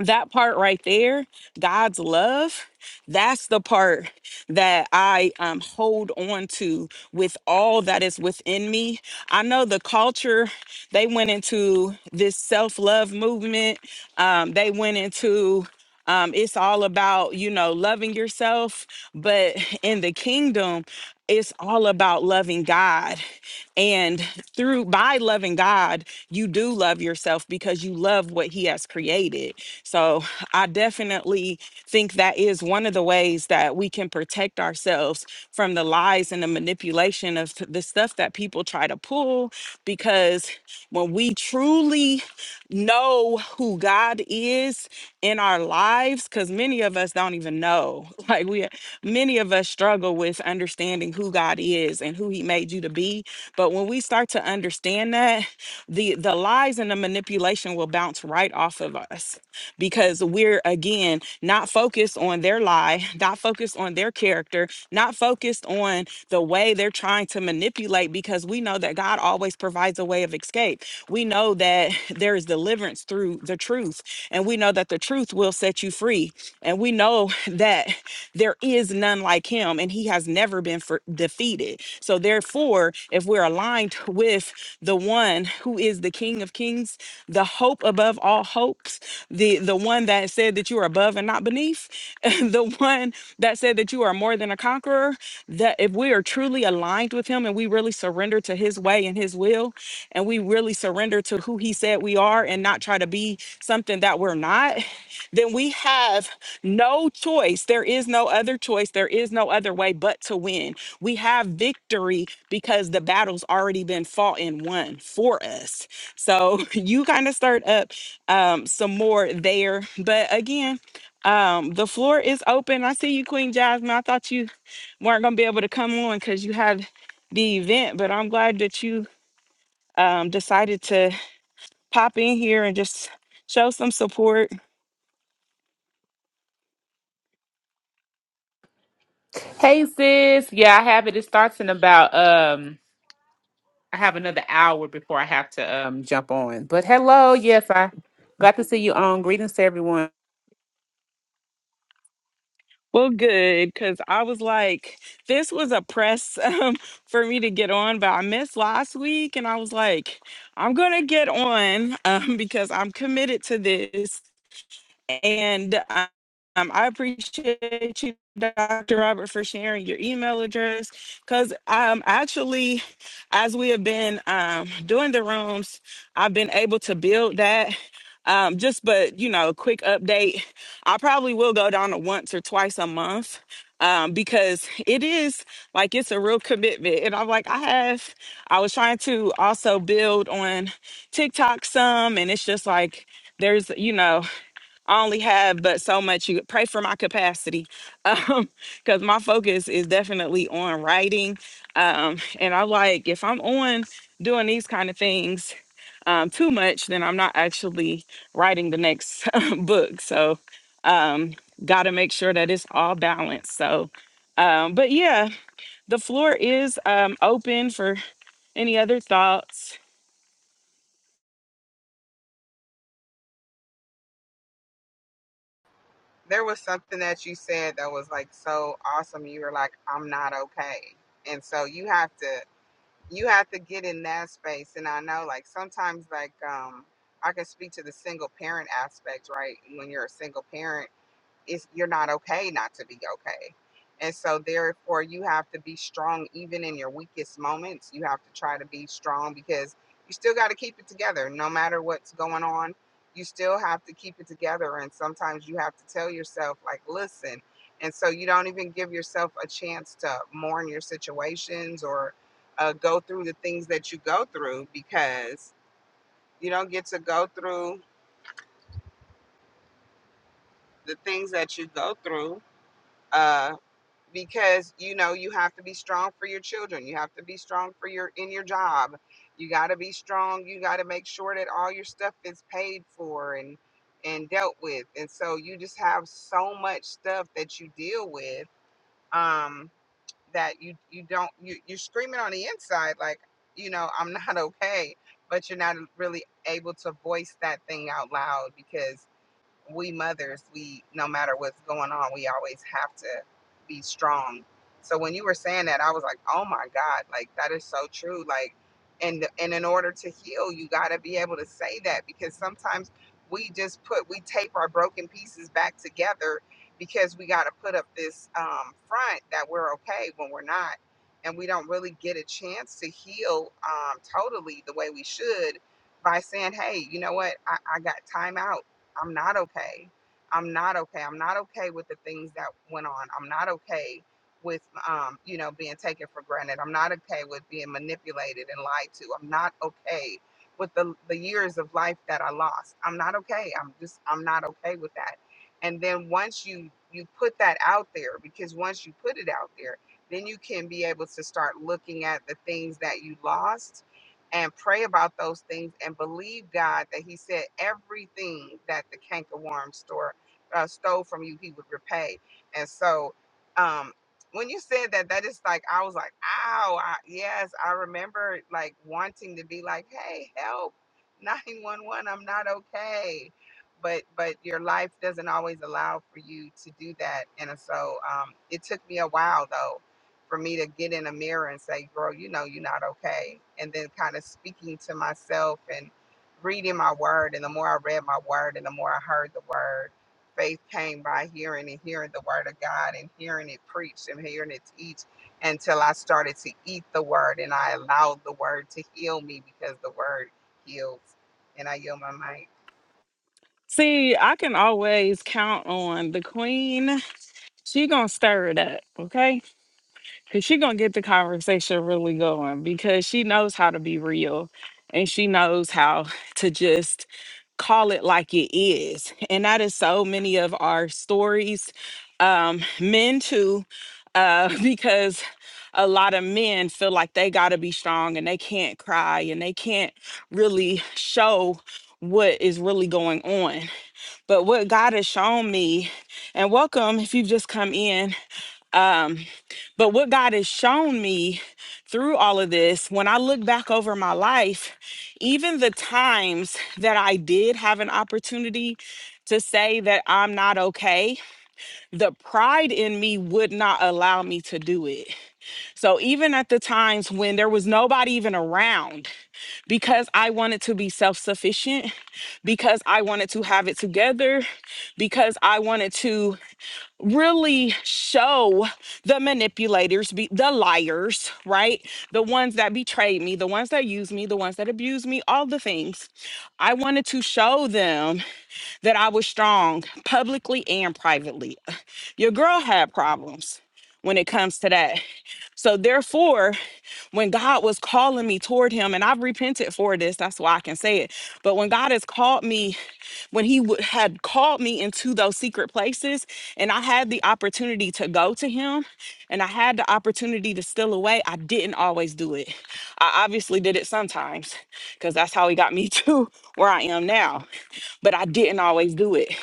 S1: that part right there, God's love, that's the part that I um, hold on to with all that is within me. I know the culture, they went into this self love movement, um, they went into um, it's all about, you know, loving yourself. But in the kingdom, it's all about loving God. And through by loving God, you do love yourself because you love what He has created. So I definitely think that is one of the ways that we can protect ourselves from the lies and the manipulation of the stuff that people try to pull. Because when we truly know who God is in our lives cuz many of us don't even know. Like we many of us struggle with understanding who God is and who he made you to be, but when we start to understand that, the the lies and the manipulation will bounce right off of us because we're again not focused on their lie, not focused on their character, not focused on the way they're trying to manipulate because we know that God always provides a way of escape. We know that there is deliverance through the truth, and we know that the truth will set you free. And we know that there is none like him, and he has never been for- defeated. So therefore, if we're aligned with the one who is the King of Kings, the hope above all hopes, the the one that said that you are above and not beneath, the one that said that you are more than a conqueror, that if we are truly aligned with him and we really surrender to his way and his will, and we really surrender to who he said we are and not try to be something that we're not, then we have no choice. There is no other choice. There is no other way but to win. We have victory because the battle's already been fought and won for us. So you kind of start up um, some more there. But again, um, the floor is open. I see you, Queen Jasmine. I thought you weren't going to be able to come on because you had the event, but I'm glad that you um, decided to pop in here and just show some support
S6: Hey sis, yeah, I have it. It starts in about um I have another hour before I have to um jump on. But hello, yes, I glad to see you on. Greetings to everyone.
S1: Well, good, because I was like, this was a press um, for me to get on, but I missed last week, and I was like, I'm gonna get on um, because I'm committed to this. And um, um, I appreciate you, Dr. Robert, for sharing your email address. Because um, actually, as we have been um, doing the rooms, I've been able to build that. Um, just but you know, a quick update. I probably will go down to once or twice a month um, because it is like it's a real commitment. And I'm like, I have. I was trying to also build on TikTok some, and it's just like there's you know I only have but so much. You pray for my capacity, um, because my focus is definitely on writing. Um, and I like if I'm on doing these kind of things um, too much, then I'm not actually writing the next book. So, um, got to make sure that it's all balanced. So, um, but yeah, the floor is um, open for any other thoughts.
S4: there was something that you said that was like so awesome. You were like, I'm not okay. And so you have to you have to get in that space. And I know like sometimes like um I can speak to the single parent aspect, right? When you're a single parent it's you're not okay not to be okay. And so therefore you have to be strong even in your weakest moments. You have to try to be strong because you still got to keep it together no matter what's going on. You still have to keep it together and sometimes you have to tell yourself like listen. And so you don't even give yourself a chance to mourn your situations or uh, go through the things that you go through because you don't get to go through the things that you go through uh, because you know you have to be strong for your children you have to be strong for your in your job you got to be strong you got to make sure that all your stuff is paid for and and dealt with and so you just have so much stuff that you deal with um that you you don't you you're screaming on the inside like you know i'm not okay but you're not really able to voice that thing out loud because we mothers, we no matter what's going on, we always have to be strong. So when you were saying that, I was like, oh my God, like that is so true. Like, and and in order to heal, you got to be able to say that because sometimes we just put we tape our broken pieces back together because we got to put up this um, front that we're okay when we're not, and we don't really get a chance to heal um, totally the way we should by saying, hey, you know what, I, I got time out. I'm not okay. I'm not okay. I'm not okay with the things that went on. I'm not okay with um, you know, being taken for granted. I'm not okay with being manipulated and lied to. I'm not okay with the the years of life that I lost. I'm not okay. I'm just I'm not okay with that. And then once you you put that out there because once you put it out there, then you can be able to start looking at the things that you lost and pray about those things and believe God that He said everything that the cankerworm store uh, stole from you, He would repay. And so, um, when you said that, that is like I was like, "Ow, I, yes!" I remember like wanting to be like, "Hey, help! Nine one one, I'm not okay." But but your life doesn't always allow for you to do that, and so um, it took me a while though for me to get in a mirror and say, girl, you know, you're not okay. And then kind of speaking to myself and reading my word. And the more I read my word and the more I heard the word, faith came by hearing and hearing the word of God and hearing it preached and hearing it teach until I started to eat the word and I allowed the word to heal me because the word heals. And I yield my mic.
S1: See, I can always count on the queen She gonna stir it up, okay? Cause she gonna get the conversation really going because she knows how to be real and she knows how to just call it like it is. And that is so many of our stories. Um, men too, uh, because a lot of men feel like they gotta be strong and they can't cry and they can't really show what is really going on. But what God has shown me, and welcome if you've just come in um, but what God has shown me through all of this, when I look back over my life, even the times that I did have an opportunity to say that I'm not okay, the pride in me would not allow me to do it. So even at the times when there was nobody even around, because I wanted to be self sufficient, because I wanted to have it together, because I wanted to really show the manipulators be the liars right the ones that betrayed me the ones that used me the ones that abused me all the things i wanted to show them that i was strong publicly and privately your girl had problems when it comes to that so therefore when god was calling me toward him and i've repented for this that's why i can say it but when god has called me when he w- had called me into those secret places and I had the opportunity to go to him and I had the opportunity to steal away, I didn't always do it. I obviously did it sometimes because that's how he got me to where I am now. But I didn't always do it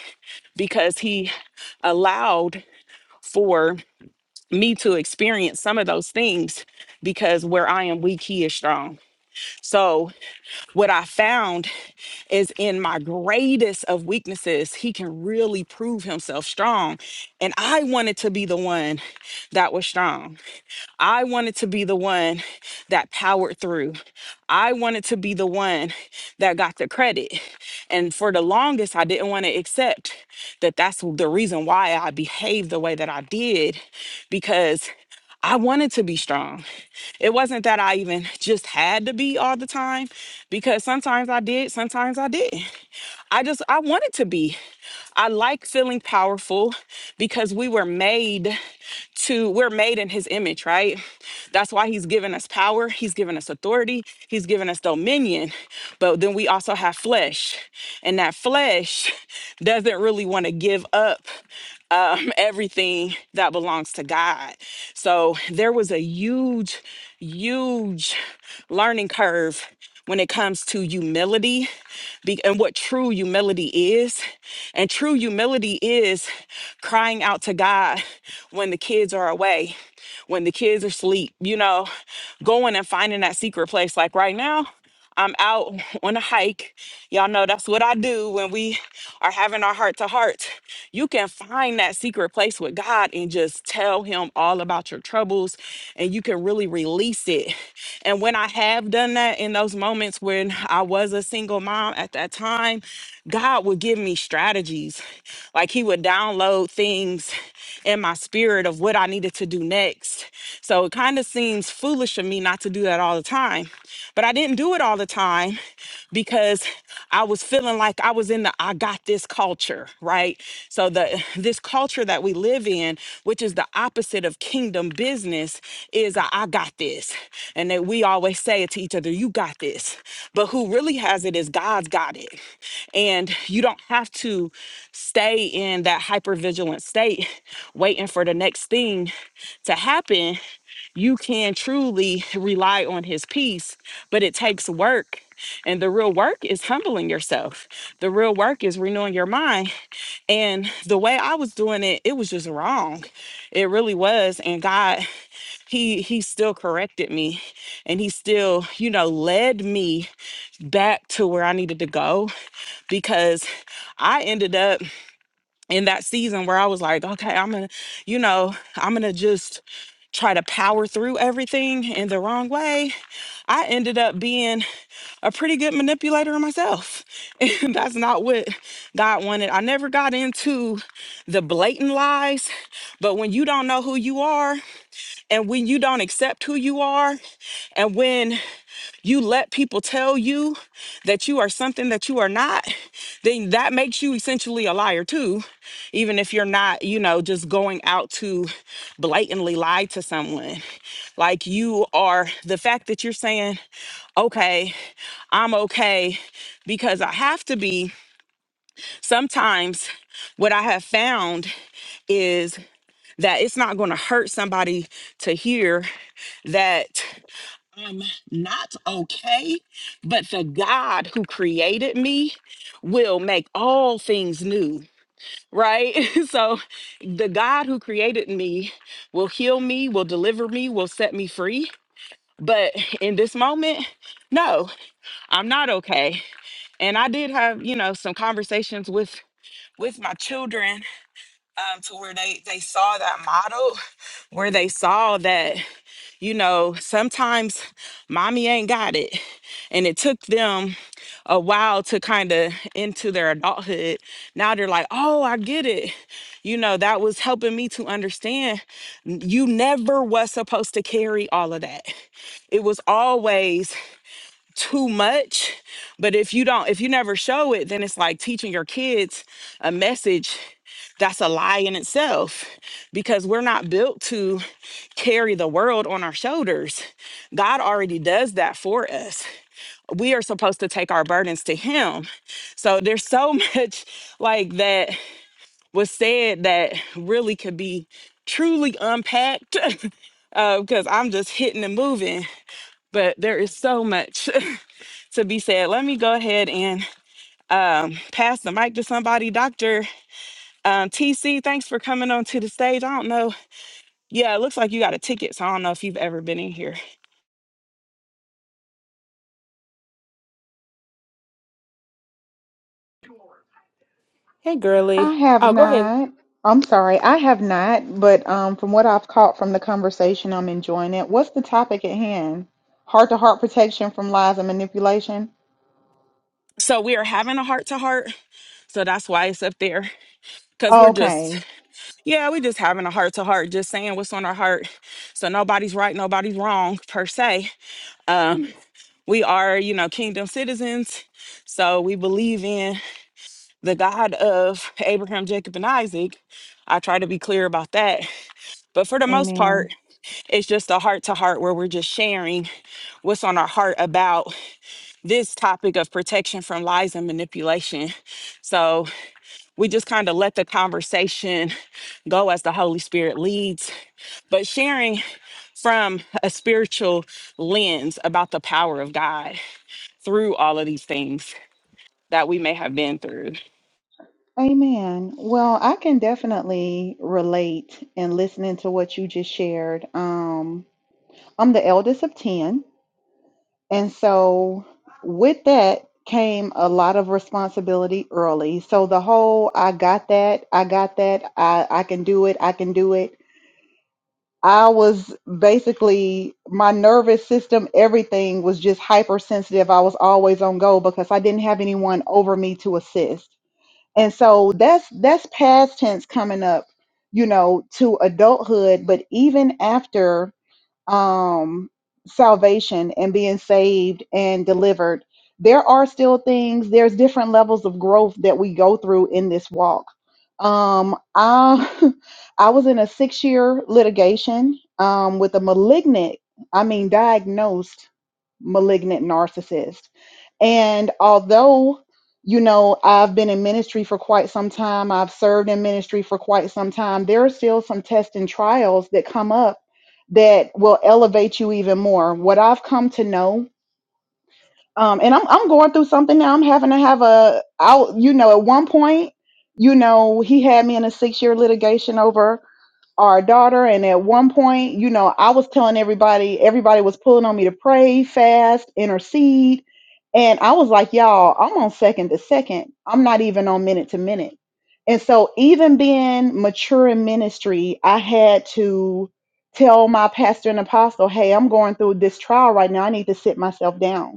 S1: because he allowed for me to experience some of those things because where I am weak, he is strong. So, what I found is in my greatest of weaknesses, he can really prove himself strong. And I wanted to be the one that was strong. I wanted to be the one that powered through. I wanted to be the one that got the credit. And for the longest, I didn't want to accept that that's the reason why I behaved the way that I did because I wanted to be strong. It wasn't that I even just had to be all the time because sometimes I did, sometimes I did. not I just I wanted to be. I like feeling powerful because we were made to we're made in his image, right? That's why he's given us power, he's given us authority, he's given us dominion. But then we also have flesh. And that flesh doesn't really want to give up um, everything that belongs to God. So there was a huge, huge learning curve when it comes to humility be- and what true humility is. And true humility is crying out to God when the kids are away, when the kids are asleep, you know, going and finding that secret place. Like right now, I'm out on a hike. Y'all know that's what I do when we are having our heart to heart. You can find that secret place with God and just tell Him all about your troubles and you can really release it. And when I have done that in those moments when I was a single mom at that time, God would give me strategies. Like He would download things in my spirit of what I needed to do next. So it kind of seems foolish of me not to do that all the time. But I didn't do it all the time because I was feeling like I was in the I got this culture, right? So the this culture that we live in is the opposite of kingdom business is a, I got this. And that we always say it to each other, you got this. But who really has it is God's got it. And you don't have to stay in that hypervigilant state waiting for the next thing to happen. You can truly rely on his peace, but it takes work. And the real work is humbling yourself. The real work is renewing your mind and the way i was doing it it was just wrong it really was and god he he still corrected me and he still you know led me back to where i needed to go because i ended up in that season where I was like, okay, I'm gonna, you know, I'm gonna just try to power through everything in the wrong way. I ended up being a pretty good manipulator myself. And that's not what God wanted. I never got into the blatant lies, but when you don't know who you are and when you don't accept who you are, and when you let people tell you that you are something that you are not, then that makes you essentially a liar too, even if you're not, you know, just going out to blatantly lie to someone. Like you are the fact that you're saying, okay, I'm okay because I have to be. Sometimes what I have found is that it's not going to hurt somebody to hear that I'm not okay, but the God who created me will make all things new, right? so the God who created me will heal me, will deliver me, will set me free. But in this moment, no, I'm not okay. And I did have, you know, some conversations with with my children um, to where they they saw that model, where they saw that you know, sometimes mommy ain't got it. And it took them a while to kind of into their adulthood. Now they're like, oh, I get it. You know, that was helping me to understand n- you never was supposed to carry all of that. It was always too much. But if you don't, if you never show it, then it's like teaching your kids a message that's a lie in itself because we're not built to carry the world on our shoulders. God already does that for us. We are supposed to take our burdens to Him. So there's so much like that was said that really could be truly unpacked because I'm just hitting and moving. But there is so much to be said. Let me go ahead and um, pass the mic to somebody. Dr. Um, TC, thanks for coming on to the stage. I don't know Yeah, it looks like you got a ticket. So I don't know if you've ever been in here.
S6: Hey
S7: I
S6: girly.
S7: have
S6: Oh, go ahead.
S7: not. I'm sorry, I have not, but um, from what I've caught from the conversation, I'm enjoying it. What's the topic at hand? Heart to heart protection from lies and manipulation?
S1: So we are having a heart to heart. So that's why it's up there. Cause we're just,
S7: Okay.
S1: yeah, we just having a heart to heart, just saying what's on our heart. So nobody's right, nobody's wrong per se. Um, we are, you know, kingdom citizens. So we believe in the God of Abraham, Jacob, and Isaac. I try to be clear about that. But for the most
S7: Amen.
S1: part, it's just a heart to heart where we're just sharing what's on our heart about this topic of protection from lies and manipulation. So we just kind of let the conversation go as the Holy Spirit leads, but sharing from a spiritual lens about the power of God through all of these things that we may have been through.
S7: Amen. Well, I can definitely relate in listening to what you just shared. Um, I'm the eldest of 10. And so with that came a lot of responsibility early. So the whole I got that, I got that, I, I can do it, I can do it. I was basically my nervous system, everything was just hypersensitive. I was always on go because I didn't have anyone over me to assist. And so that's that's past tense coming up, you know, to adulthood, but even after um, salvation and being saved and delivered, there are still things, there's different levels of growth that we go through in this walk. Um, I, I was in a six year litigation um, with a malignant, I mean, diagnosed malignant narcissist. And although, you know, I've been in ministry for quite some time, I've served in ministry for quite some time, there are still some tests and trials that come up that will elevate you even more. What I've come to know, um, and I'm, I'm going through something now, I'm having to have a, I'll, you know, at one point, you know, he had me in a six year litigation over our daughter and at one point you know i was telling everybody everybody was pulling on me to pray fast intercede and i was like y'all i'm on second to second i'm not even on minute to minute and so even being mature in ministry i had to tell my pastor and apostle hey i'm going through this trial right now i need to sit myself down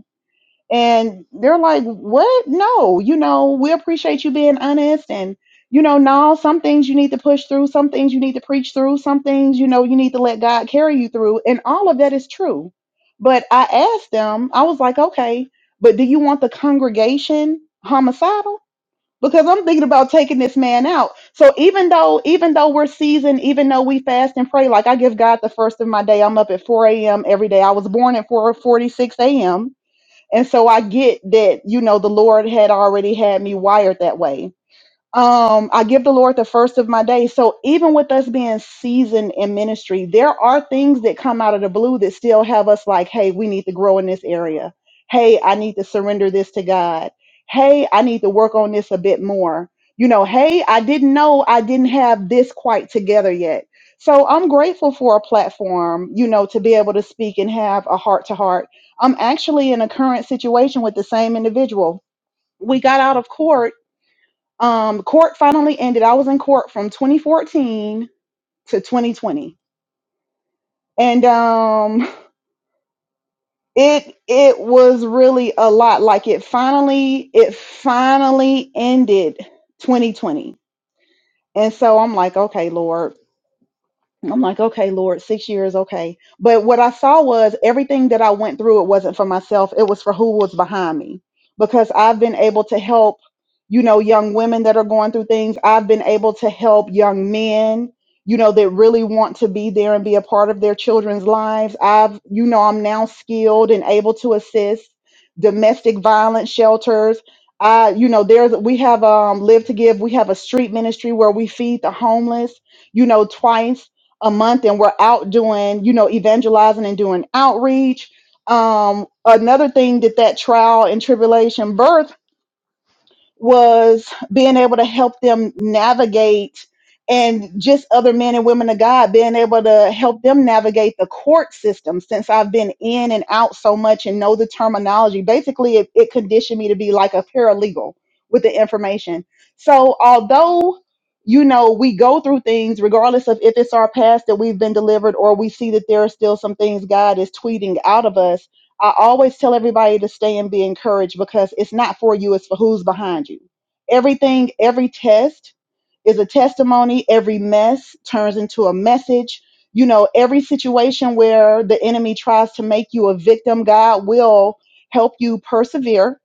S7: and they're like, what? No, you know, we appreciate you being honest. And, you know, no, some things you need to push through, some things you need to preach through, some things, you know, you need to let God carry you through. And all of that is true. But I asked them, I was like, okay, but do you want the congregation homicidal? Because I'm thinking about taking this man out. So even though, even though we're seasoned, even though we fast and pray, like I give God the first of my day. I'm up at 4 a.m. every day. I was born at 4:46 a.m and so I get that, you know, the Lord had already had me wired that way um i give the lord the first of my day so even with us being seasoned in ministry there are things that come out of the blue that still have us like hey we need to grow in this area hey i need to surrender this to god hey i need to work on this a bit more you know hey i didn't know i didn't have this quite together yet so i'm grateful for a platform you know to be able to speak and have a heart to heart i'm actually in a current situation with the same individual we got out of court um, court finally ended. I was in court from 2014 to 2020, and um, it it was really a lot. Like it finally it finally ended 2020, and so I'm like, okay, Lord, I'm like, okay, Lord, six years, okay. But what I saw was everything that I went through, it wasn't for myself, it was for who was behind me. Because I've been able to help, you know, young women that are going through things. I've been able to help young men, you know, that really want to be there and be a part of their children's lives. I've, you know, I'm now skilled and able to assist domestic violence shelters. I, you know, there's we have um Live to Give, we have a street ministry where we feed the homeless you know, twice a month and we're out doing, you know, evangelizing and doing outreach. Um, another thing that that trial and tribulation birth was being able to help them navigate and just other men and women of God being able to help them navigate the court system since I've been in and out so much and know the terminology. Basically, it, it conditioned me to be like a paralegal with the information. So, although you know, we go through things regardless of if it's our past that we've been delivered or we see that there are still some things God is tweeting out of us I always tell everybody to stay and be encouraged because it's not for you, it's for who's behind you. Everything, every test is a testimony. Every mess turns into a message. You know, every situation where the enemy tries to make you a victim, God will help you persevere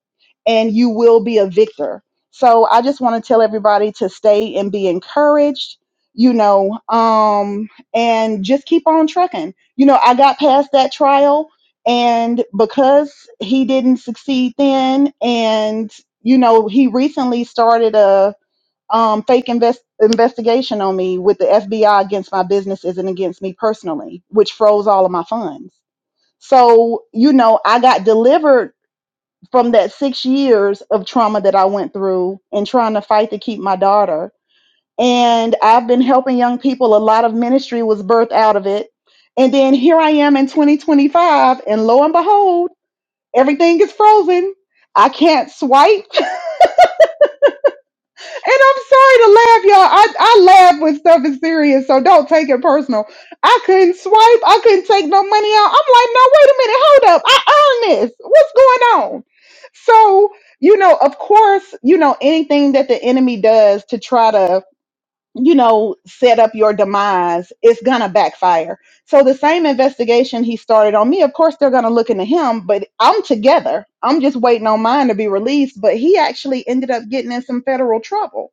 S7: and you will be a victor. So I just want to tell everybody to stay and be encouraged, you know, um, and just keep on trucking. You know, I got past that trial and because he didn't succeed then, and you know, he recently started a um, fake invest- investigation on me with the FBI against my businesses and against me personally, which froze all of my funds. So, you know, I got delivered from that six years of trauma that I went through and trying to fight to keep my daughter. And I've been helping young people. A lot of ministry was birthed out of it. And then here I am in 2025, and lo and behold, everything is frozen. I can't swipe. And I'm sorry to laugh, y'all. I, I laugh when stuff is serious, so don't take it personal. I couldn't swipe. I couldn't take no money out. I'm like, no, wait a minute. Hold up. I earned this. What's going on? So, you know, of course, you know, anything that the enemy does to try to you know, set up your demise, it's gonna backfire. So the same investigation he started on me, of course they're gonna look into him, but I'm together. I'm just waiting on mine to be released. But he actually ended up getting in some federal trouble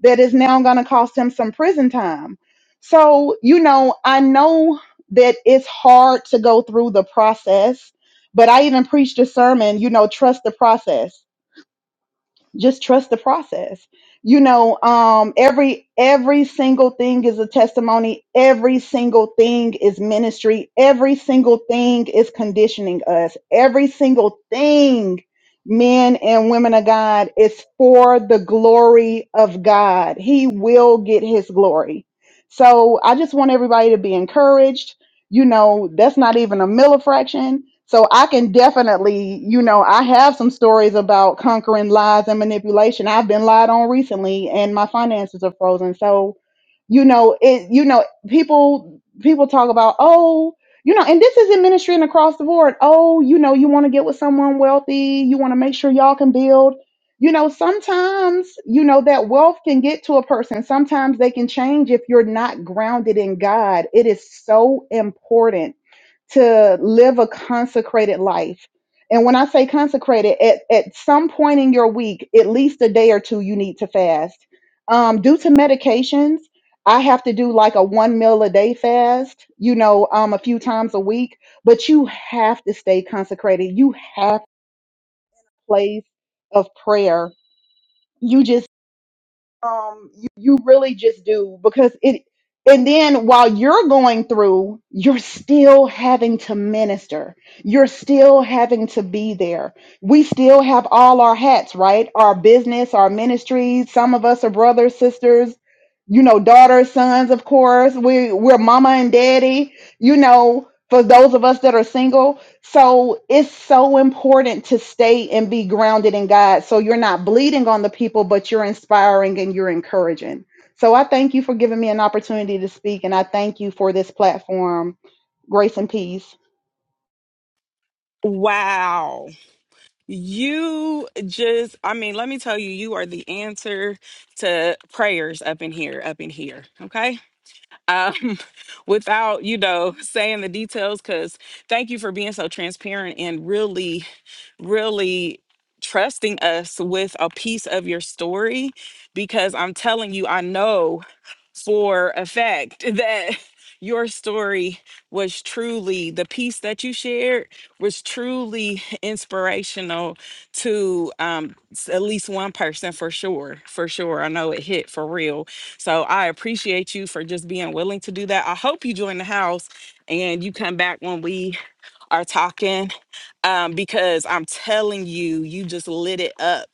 S7: that is now gonna cost him some prison time. So, you know, I know that it's hard to go through the process, but I even preached a sermon, you know, trust the process just trust the process you know um every every single thing is a testimony every single thing is ministry every single thing is conditioning us every single thing men and women of god is for the glory of god he will get his glory so i just want everybody to be encouraged you know, that's not even a millifraction. So I can definitely, you know, I have some stories about conquering lies and manipulation. I've been lied on recently and my finances are frozen. So, you know, it you know, people people talk about, "Oh, you know, and this is in ministry and across the board. Oh, you know, you want to get with someone wealthy, you want to make sure y'all can build." you know, sometimes, you know, that wealth can get to a person. Sometimes they can change if you're not grounded in God. It is so important to live a consecrated life. And when I say consecrated, at, at some point in your week, at least a day or two, you need to fast. Um, due to medications, I have to do like a one meal a day fast, you know, um, a few times a week, but you have to stay consecrated. You have a place of prayer. You just um you, you really just do because it and then while you're going through you're still having to minister you're still having to be there we still have all our hats right our business our ministries some of us are brothers sisters you know daughters sons of course we we're mama and daddy you know for those of us that are single so it's so important to stay and be grounded in God. So you're not bleeding on the people, but you're inspiring and you're encouraging. So I thank you for giving me an opportunity to speak, and I thank you for this platform. Grace and peace.
S1: Wow. You just, I mean, let me tell you, you are the answer to prayers up in here, up in here. Okay um, without you know saying the details because thank you for being so transparent and really really trusting us with a piece of your story because I'm telling you, I know for a fact that your story was truly the piece that you shared was truly inspirational to um, s- at least one person for sure for sure i know it hit for real so i appreciate you for just being willing to do that i hope you join the house and you come back when we are talking um, because I'm telling you, you just lit it up.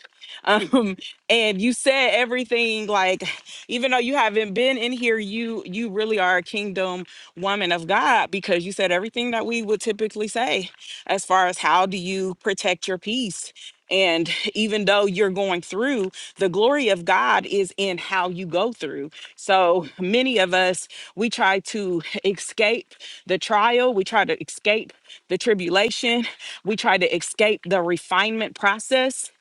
S1: Um, and you said everything like, even though you haven't been in here, you you really are a kingdom woman of God because you said everything that we would typically say as far as how do you protect your peace? And even though you're going through, the glory of God is in how you go through. So many of us, we try to escape the trial, we try to escape the tribulation, we try to escape the refinement process.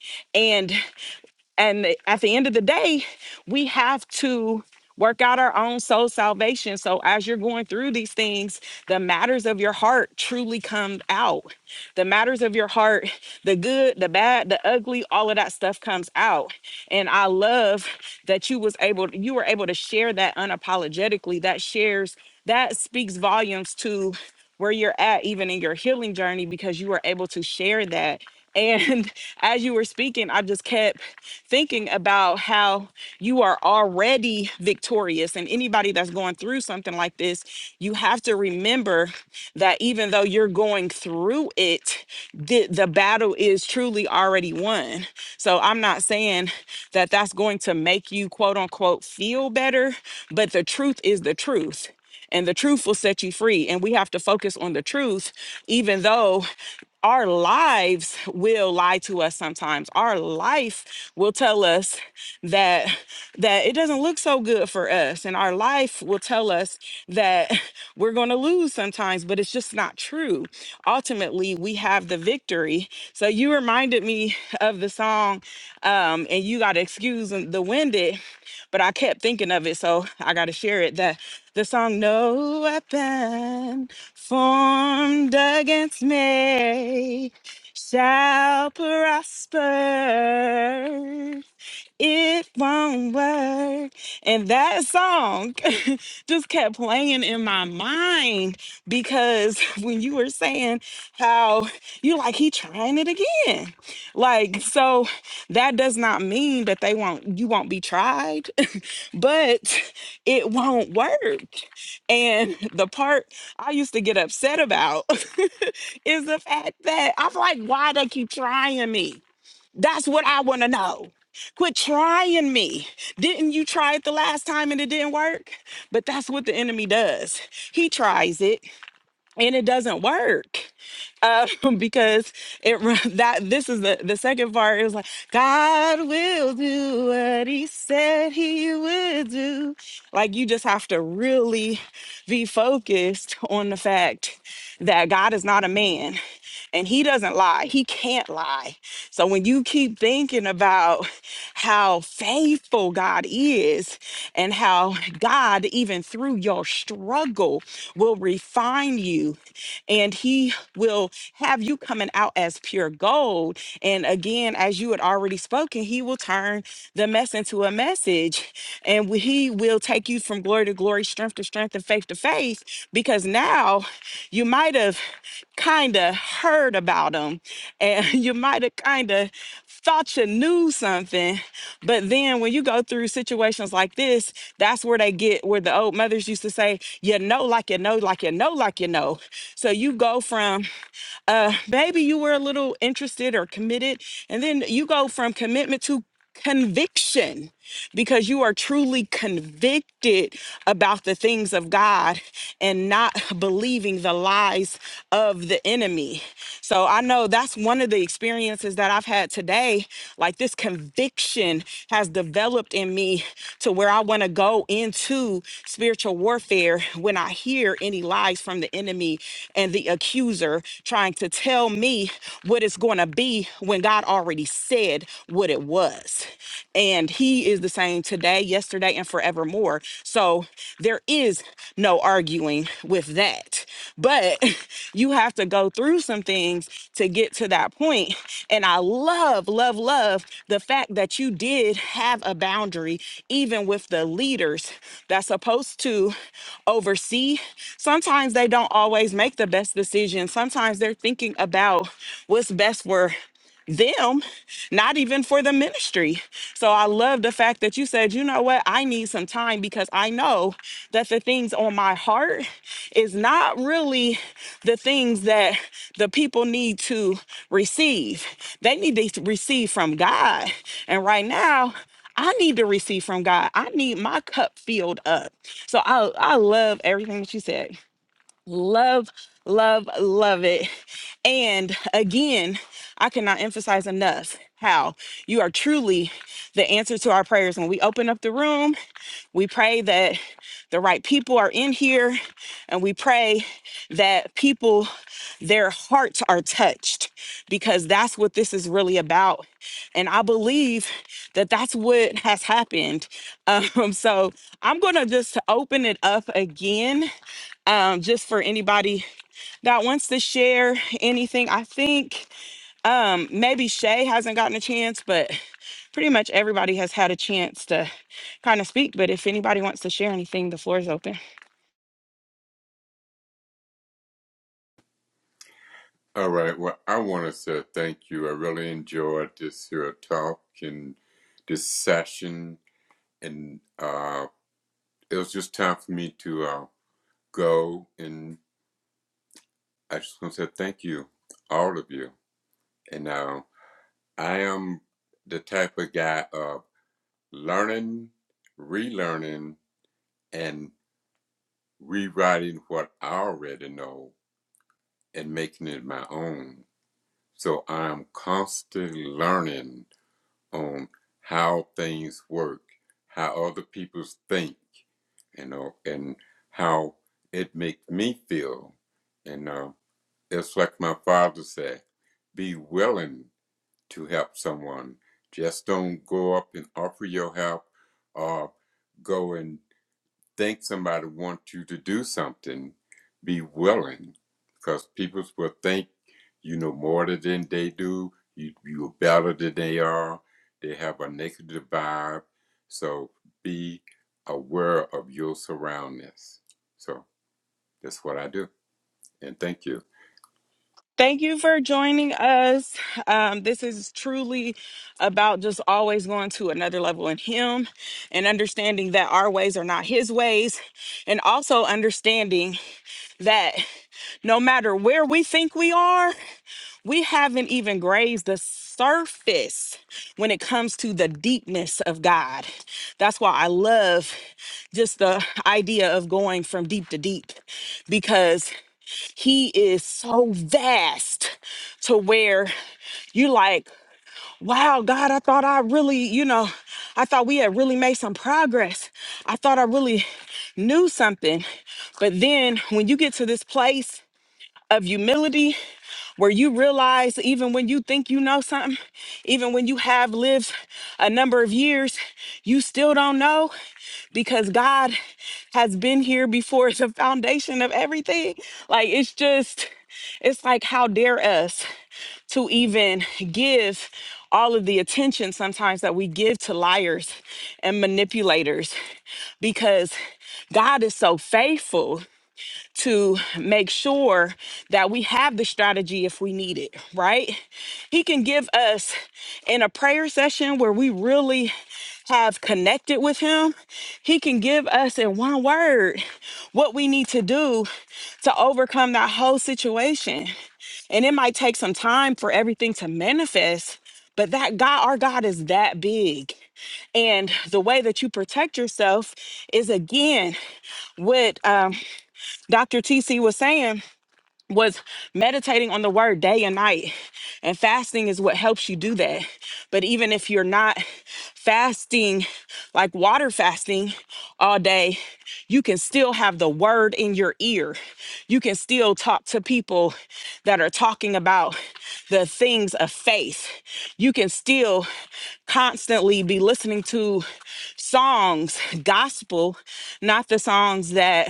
S1: And the- at the end of the day, we have to work out our own soul salvation. So as you're going through these things, the matters of your heart truly come out. The matters of your heart, the good, the bad, the ugly, all of that stuff comes out. And I love that you was able you were able to share that unapologetically. That shares that speaks volumes to where you're at, even in your healing journey, because you were able to share that. And as you were speaking, I just kept thinking about how you are already victorious. And anybody that's going through something like this, you have to remember that even though you're going through it, the, the battle is truly already won. So I'm not saying that that's going to make you, quote unquote, feel better, but the truth is the truth and the truth will set you free. And we have to focus on the truth, even though our lives will lie to us sometimes our life will tell us that that it doesn't look so good for us and our life will tell us that we're going to lose sometimes but it's just not true ultimately we have the victory so you reminded me of the song um and you got to excuse the the winded but I kept thinking of it, so I got to share it. That the song "No Weapon Formed Against Me Shall Prosper." It won't work. And that song just kept playing in my mind because when you were saying how you like he trying it again. Like so that does not mean that they won't you won't be tried, but it won't work. And the part I used to get upset about is the fact that I'm like, why they keep trying me? That's what I want to know. Quit trying me. Didn't you try it the last time and it didn't work? But that's what the enemy does. He tries it and it doesn't work um, because it run- that this is the the second part. It was like God will do what He said He would do. Like you just have to really be focused on the fact that God is not a man and He doesn't lie. He can't lie. So when you keep thinking about how faithful God is and how God, even through your struggle, will refine you and He will have you coming out as pure gold. And again, as you had already spoken, He will turn the mess into a message and He will take you from glory to glory, strength to strength, and faith to faith because now you might have kind of heard about them and you might have kind of thought you knew something but then when you go through situations like this that's where they get where the old mothers used to say you know like you know like you know like you know so you go from uh maybe you were a little interested or committed and then you go from commitment to conviction because you are truly convicted about the things of God and not believing the lies of the enemy. So I know that's one of the experiences that I've had today. Like this conviction has developed in me to where I want to go into spiritual warfare when I hear any lies from the enemy and the accuser trying to tell me what it's going to be when God already said what it it was. And he is the same today, yesterday, and forevermore. So there is no arguing with that. But you have to go through some things to get to that point. And I love, love, love the fact that you did have a boundary, even with the leaders that's supposed to oversee. Sometimes they don't always make the best decision. Sometimes they're thinking about what's best for them, not even for the ministry. So I love the fact that you said, you know what, I need some time because I know that the things on my heart is not really the things that the people need to receive. They need to receive from God. And right now, I need to receive from God. I need my cup filled up. So I, I love everything that you said. Love, love, love it. And again, I cannot emphasize enough how you are truly the answer to our prayers. When we open up the room, we pray that the right people are in here, and we pray that people, their hearts are touched because that's what this is really about. And I believe that that's what has happened. Um, so I'm going to just open it up again um, just for anybody that wants to share anything. I think. Um, maybe Shay hasn't gotten a chance, but pretty much everybody has had a chance to kind of speak. But if anybody wants to share anything, the floor is open.
S2: All right. Well, I want to say thank you. I really enjoyed this here talk and this session, and uh, it was just time for me to uh, go, and I just want to say thank you, all of you, and now. I am the type of guy of learning, relearning, and rewriting what I already know and making it my own. So I'm constantly learning on how things work, how other people think, you know, and how it makes me feel. And uh, it's like my father said, be willing to help someone. Just don't go up and offer your help or go and think somebody wants you to do something. Be willing because people will think you know more than they do, you, you're better than they are, they have a negative vibe. So be aware of your surroundings. So that's what I do. And thank you.
S1: Thank you for joining us. Um, this is truly about just always going to another level in Him and understanding that our ways are not His ways, and also understanding that no matter where we think we are. we haven't even grazed the surface when it comes to the deepness of God. That's why I love just the idea of going from deep to deep because He is so vast to where you like, wow, God, I thought I really, you know, I thought we had really made some progress. I thought I really knew something. But then when you get to this place of humility, where you realize even when you think you know something, even when you have lived a number of years, you still don't know because God has been here before the foundation of everything. Like it's just, it's like, how dare us to even give all of the attention sometimes that we give to liars and manipulators because God is so faithful to make sure that we have the strategy if we need it, right? He can give us in a prayer session where we really have connected with Him, He can give us in one word what we need to do to overcome that whole situation. And it might take some time for everything to manifest, but that God, our God is that big. And the way that you protect yourself is again with um, Dr. TC was saying was meditating on the word day and night. And fasting is what helps you do that. But even if you're not fasting, like water fasting all day, you can still have the word in your ear. You can still talk to people that are talking about the things of faith. You can still constantly be listening to songs, gospel, not the songs that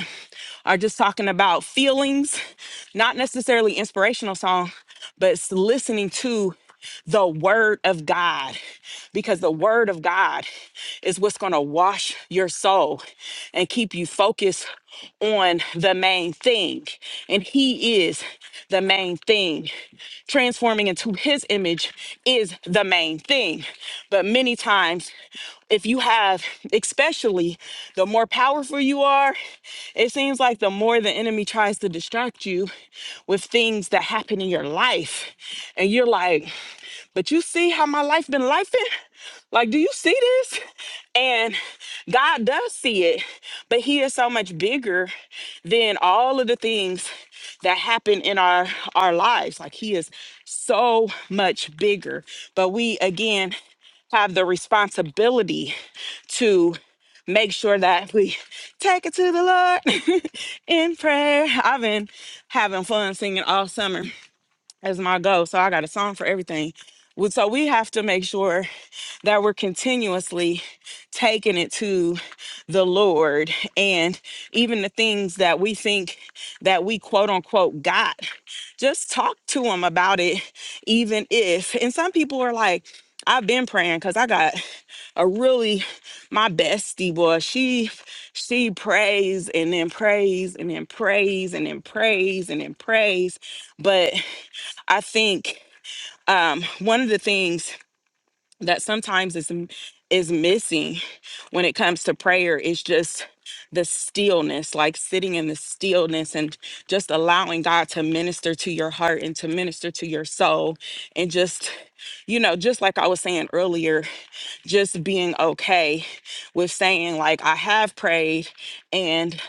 S1: are just talking about feelings, not necessarily inspirational song, but it's listening to the word of God because the word of God is what's going to wash your soul and keep you focused on the main thing. And he is the main thing transforming into his image is the main thing. But many times, if you have, especially the more powerful you are, it seems like the more the enemy tries to distract you with things that happen in your life. And you're like, but you see how my life been lifing? Like, do you see this? And God does see it, but He is so much bigger than all of the things that happen in our our lives. Like He is so much bigger. But we again have the responsibility to make sure that we take it to the Lord in prayer. I've been having fun singing all summer as my goal. So I got a song for everything. We- So we have to make sure that we're continuously taking it to the Lord and even the things that we think that we quote unquote got, just talk to him about it, even if. And some people are like, I've been praying because I got a really my bestie boy. She she prays and then prays and then prays and then prays and then prays. But I think um, one of the things that sometimes is is missing when it comes to prayer is just the stillness, like sitting in the stillness and just allowing God to minister to your heart and to minister to your soul, and just you know, just like I was saying earlier, just being okay with saying like I have prayed and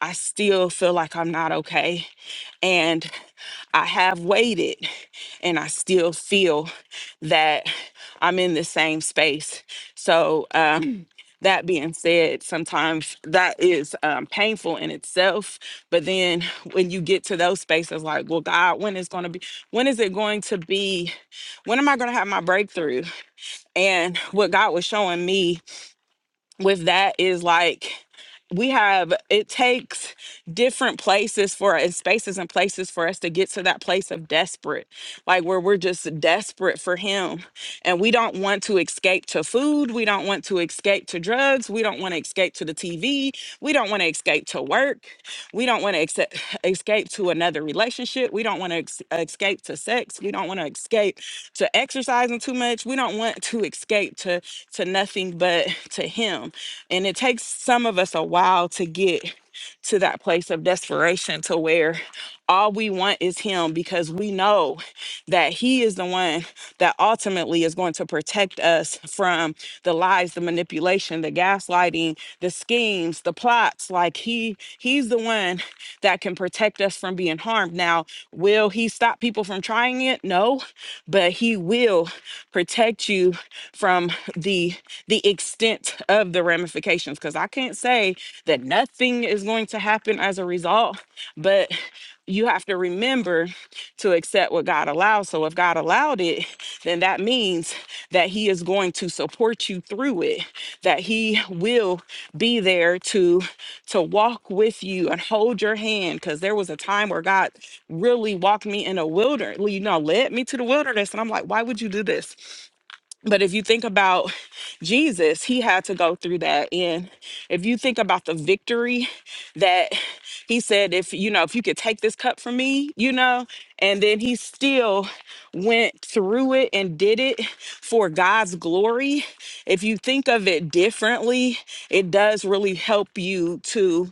S1: I still feel like I'm not okay and I have waited and I still feel that I'm in the same space. So, um, that being said, sometimes that is um, painful in itself. But then when you get to those spaces, like, well, God, when is going to be, when is it going to be, when am I going to have my breakthrough? And what God was showing me with that is like, we have, it takes different places for and spaces and places for us to get to that place of desperate, like where we're just desperate for Him. And we don't want to escape to food. We don't want to escape to drugs. We don't want to escape to the TV. We don't want to escape to work. We don't want to accept, escape to another relationship. We don't want to ex- escape to sex. We don't want to escape to exercising too much. We don't want to escape to, to nothing but to Him. And it takes some of us a while to get to that place of desperation to where all we want is him because we know that He is the one that ultimately is going to protect us from the lies, the manipulation, the gaslighting, the schemes, the plots. Like He, He's the one that can protect us from being harmed. Now, will He stop people from trying it? No, but He will protect you from the the extent of the ramifications. Because I can't say that nothing is going to happen as a result, but you have to remember to accept what God allows. So if God allowed it, then that means that He is going to support you through it, that He will be there to to walk with you and hold your hand. Cause there was a time where God really walked me in a wilderness, you know, led me to the wilderness. And I'm like, why would you do this? But if you think about Jesus, he had to go through that. And if you think about the victory that he said, if you know, if you could take this cup from me, you know, and then he still went through it and did it for God's glory. If you think of it differently, it does really help you to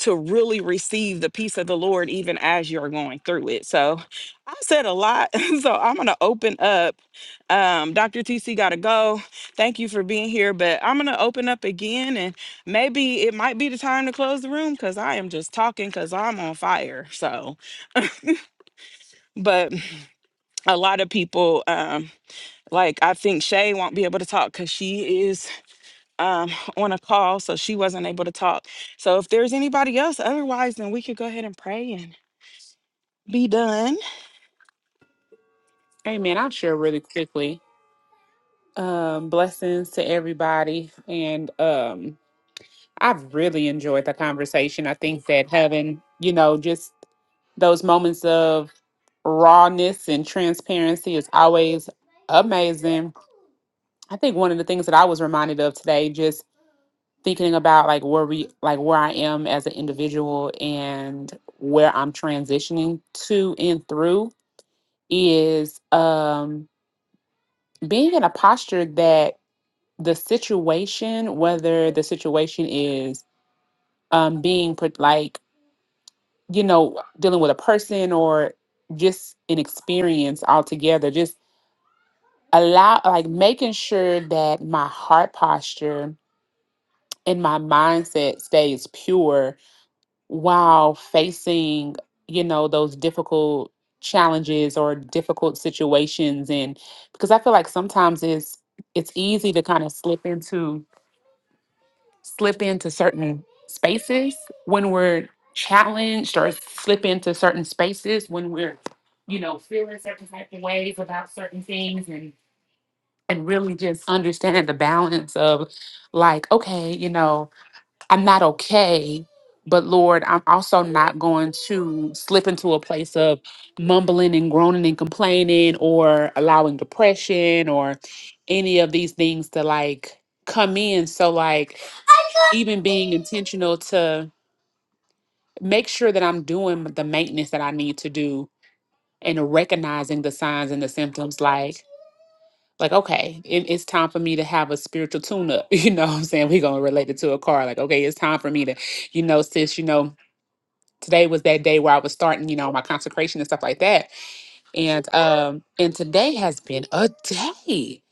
S1: to really receive the peace of the Lord even as you're going through it. So I said a lot. So I'm gonna open up. Um, Dr. TC got to go. Thank you for being here, but I'm going to open up again and maybe it might be the time to close the room because I am just talking because I'm on fire. So, but a lot of people, um, like I think Shay won't be able to talk because she is um, on a call, so she wasn't able to talk. So if there's anybody else, otherwise, then we could go ahead and pray and be done.
S6: Amen. I'll share really quickly. Um, blessings to everybody. And um I've really enjoyed the conversation. I think that having, you know, just those moments of rawness and transparency is always amazing I think one of the things that I was reminded of today, just thinking about like where we like where I am as an individual and where I'm transitioning to and through is um being in a posture that the situation, whether the situation is um being put like, you know, dealing with a person or just an experience altogether, just allow like making sure that my heart posture and my mindset stays pure while facing you know those difficult challenges or difficult situations and because i feel like sometimes it's it's easy to kind of slip into slip into certain spaces when we're challenged or slip into certain spaces when we're you know feeling certain type of ways about certain things and and really just understanding the balance of like okay you know I'm not okay, but Lord, I'm also not going to slip into a place of mumbling and groaning and complaining or allowing depression or any of these things to like come in. So, like, even being intentional to make sure that I'm doing the maintenance that I need to do and recognizing the signs and the symptoms, like, like okay it, it's time for me to have a spiritual tune up you know what i'm saying we're gonna relate it to a car like okay it's time for me to you know sis you know today was that day where I was starting, you know, my consecration and stuff like that. And um and today has been a day.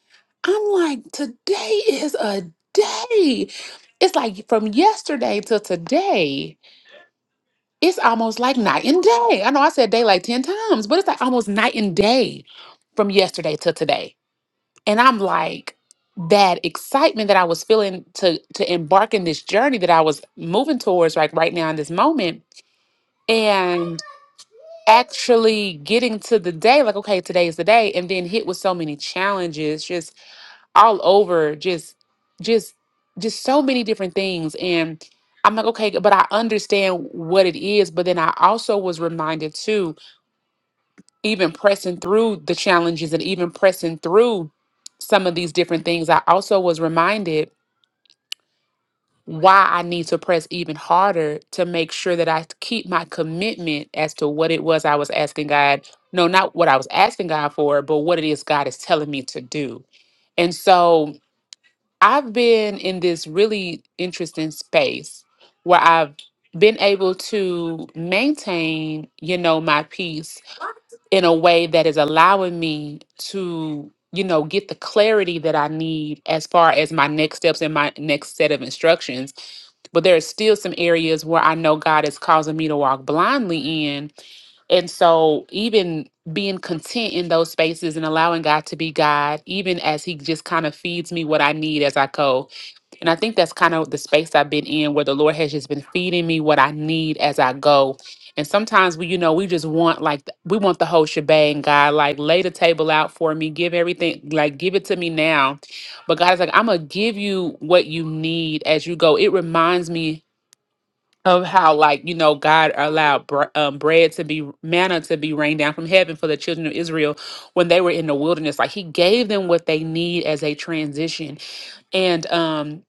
S6: I'm like, today is a day. It's like from yesterday to today, it's almost like night and day. I know I said day like 10 times, but it's like almost night and day from yesterday to today. And I'm like, that excitement that I was feeling to to embark in this journey that I was moving towards like right now in this moment. and. actually getting to the day, like, okay, today is the day, and then hit with so many challenges, just all over, just, just, just so many different things. And I'm like, okay, but I understand what it is. But then I also was reminded too, even pressing through the challenges and even pressing through some of these different things, I also was reminded why I need to press even harder to make sure that I keep my commitment as to what it was I was asking God. No, not what I was asking God for, but what it is God is telling me to do. And so I've been in this really interesting space where I've been able to maintain, you know, my peace in a way that is allowing me to you know get the clarity that i need as far as my next steps and my next set of instructions but there are still some areas where i know god is causing me to walk blindly in and so, even being content in those spaces and allowing God to be God, even as He just kind of feeds me what I need as I go, and I think that's kind of the space I've been in where the Lord has just been feeding me what I need as I go. And sometimes we, you know, we just want like th- we want the whole shebang, God. Like lay the table out for me, give everything, like give it to me now. But God is like, I'm gonna give you what you need as you go. It reminds me of how, like, you know, God allowed br- um, bread to be manna to be rained down from heaven for the children of Israel when they were in the wilderness. Like He gave them what they need as a transition and um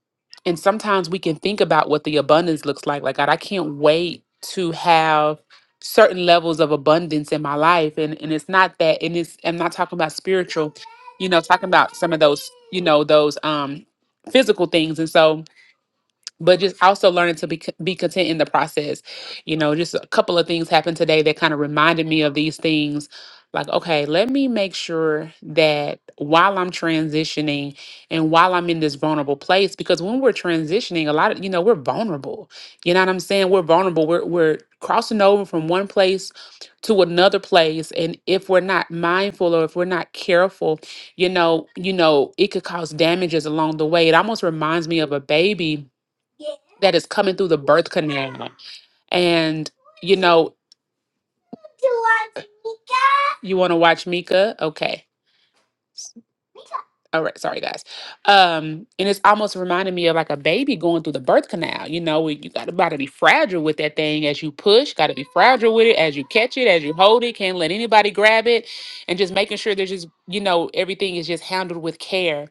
S6: and sometimes we can think about what the abundance looks like like god i can't wait to have certain levels of abundance in my life and and it's not that and it's i'm not talking about spiritual you know talking about some of those you know those um physical things and so but just also learning to be co- be content in the process. You know, just a couple of things happened today that kind of reminded me of these things. Like, okay, let me make sure that while I'm transitioning and while I'm in this vulnerable place, because when we're transitioning, a lot of you know we're vulnerable. You know what I'm saying? We're vulnerable. We're we're crossing over from one place to another place, and if we're not mindful or if we're not careful, you know, you know, it could cause damages along the way. It almost reminds me of a baby that is coming through the birth canal. And, you know, you want to watch Mika? Okay all right sorry guys um and it's almost reminding me of like a baby going through the birth canal you know you got to about to be fragile with that thing as you push got to be fragile with it as you catch it as you hold it can't let anybody grab it and just making sure there's just you know everything is just handled with care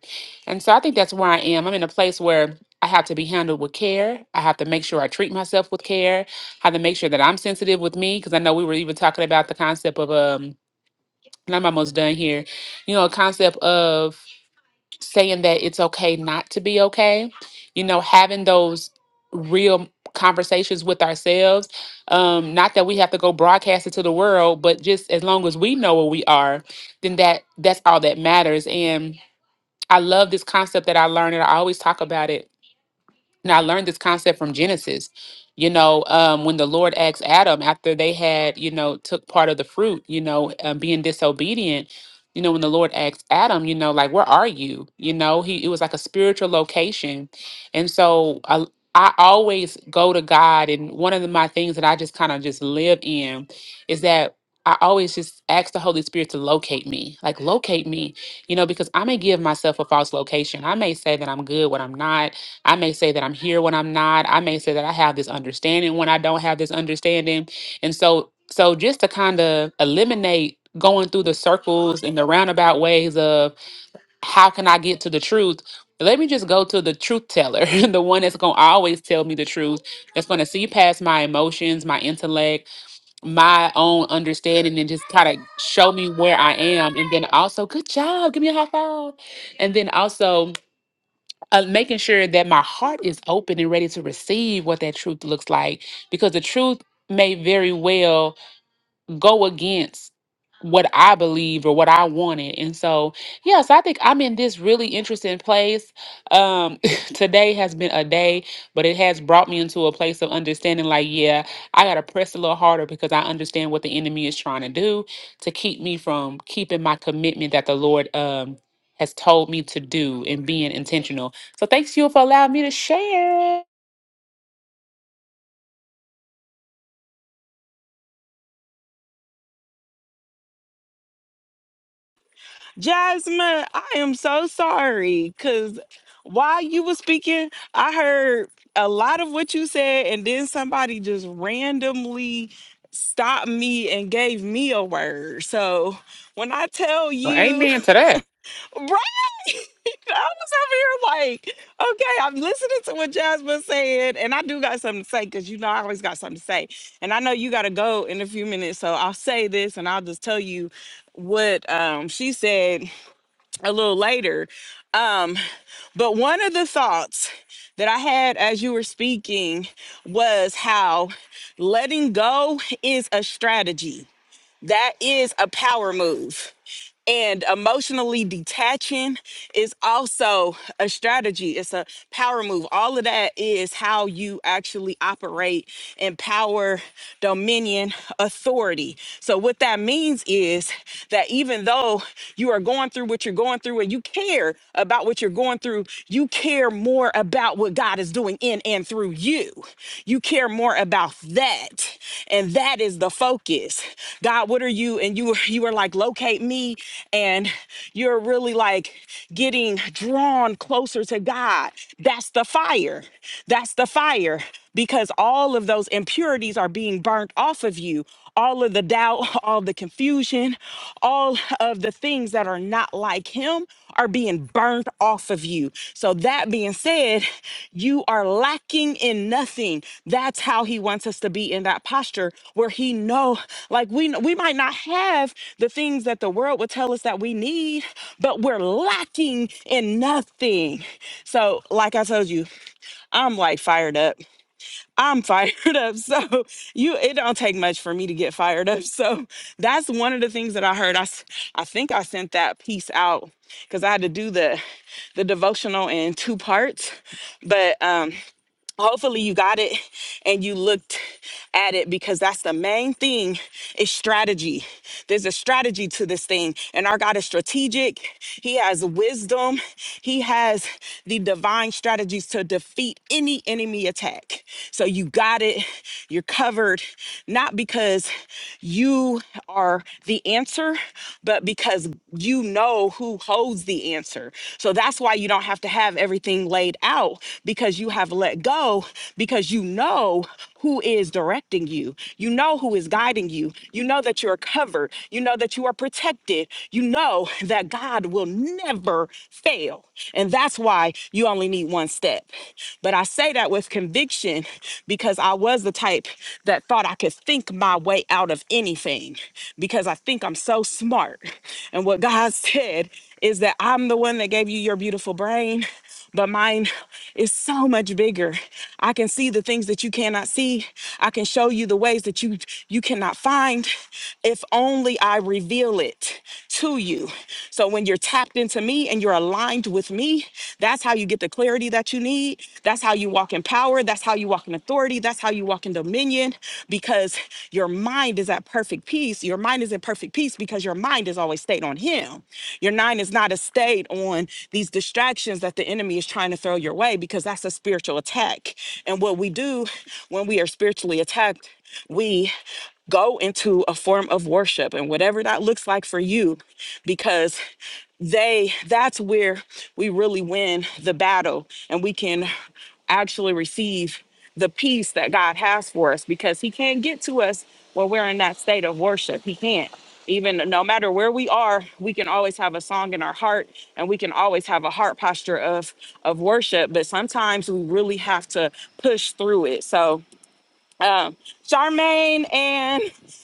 S6: and so i think that's where i am i'm in a place where I have to be handled with care. I have to make sure I treat myself with care. have to make sure that I'm sensitive with me because I know we were even talking about the concept of um and I'm almost done here. You know, a concept of saying that it's okay not to be okay you know having those real conversations with ourselves um not that we have to go broadcast it to the world but just as long as we know where we are then that that's all that matters and i love this concept that i learned and i always talk about it and I learned this concept from Genesis. You know, um, when the Lord asked Adam after they had, you know, took part of the fruit, you know, um, being disobedient, you know, when the Lord asked Adam, you know, like, where are you? You know, he it was like a spiritual location. And so I, I always go to God. And one of the, my things that I just kind of just live in is that I always just ask the Holy Spirit to locate me, like locate me, you know, because I may give myself a false location. I may say that I'm good when I'm not I may say that I'm here when I'm not. I may say that I have this understanding when I don't have this understanding. And so so just to kind of eliminate going through the circles and the roundabout ways of how can I get to the truth, let me just go to the truth teller, the one that's going to always tell me the truth, that's going to see past my emotions, my intellect, my own understanding and just kind of show me where I am and then also good job, give me a high five. And then also uh, making sure that my heart is open and ready to receive what that truth looks like because the truth may very well go against what I believed or what I wanted. And so, yeah, so I think I'm in this really interesting place. Um today has been a day, but it has brought me into a place of understanding like, yeah, I got to press a little harder because I understand what the enemy is trying to do to keep me from keeping my commitment that the Lord um has told me to do and being intentional. So thanks you for allowing me to share.
S1: Jasmine, I am so sorry because while you were speaking, I heard a lot of what you said, and then somebody just randomly stopped me and gave me a word. So when I tell
S6: Well,
S1: you,
S6: amen to that.
S1: right, I was over here like, okay, I'm listening to what Jasmine said, and I do got something to say because you know I always got something to say. And I know you got to go in a few minutes, so I'll say this and I'll just tell you what um, she said a little later. Um, but one of the thoughts that I had as you were speaking was how letting go is a strategy. That is a power move. And emotionally detaching is also a strategy, it's a power move. All of that is how you actually operate in power, dominion, authority. So, what that means is that even though you are going through what you're going through and you care about what you're going through, you care more about what God is doing in and through through you. You care more about that. And that is the focus. God, what are you? And you you are like, locate me. And you're really like getting drawn closer to God. That's the fire. That's the fire. Because all of those impurities are being burnt off of you all of the doubt, all the confusion, all of the things that are not like him are being burned off of you. So, that being said, you are lacking in nothing. That's how he wants us to be in that posture where he know like we we might not have the things that the world would tell us that we need, but we're lacking in nothing. So, like I told you, I'm like fired up. I'm fired up. So you it don't take much for me to get fired up. So that's one of the things that I heard. I s- I think I sent that piece out cuz I had to do the the devotional in two parts. But um hopefully you got it and you looked at it because that's the main thing is strategy there's a strategy to this thing and our god is strategic he has wisdom he has the divine strategies to defeat any enemy attack so you got it you're covered not because you are the answer but because you know who who holds the answer. So that's why you don't have to have everything laid out because you have let go because you know who is directing you. You know who is guiding you. You know that you're covered. You know that you are protected. You know that God will never fail. And that's why you only need one step. But I say that with conviction because I was the type that thought I could think my way out of anything because I think I'm so smart. And what God said is that I'm the one that gave you your beautiful brain, but mine is so much bigger. I can see the things that you cannot see. I can show you the ways that you you cannot find if only I reveal it to you. So when you're tapped into me and you're aligned with me, that's how you get the clarity clarity that you need. That's how you walk in power. That's how you walk in authority. That's how you walk in dominion because your mind is at perfect peace. Your mind is in perfect peace because your mind is always stayed on Him. Your mind is not a stayed on these distractions that the enemy is trying to throw your way because that's a spiritual attack. And what we do when we are spiritually attacked, we Go into a form of worship and whatever that looks like for you, because they that's where we really win the battle and we can actually receive the peace that God has for us because he can't get to us when we're in that state of worship. He can't. Even no matter where we are, we can always have a song in our heart and we can always have a heart posture of of worship, but sometimes we really have to push through it. So Charmaine and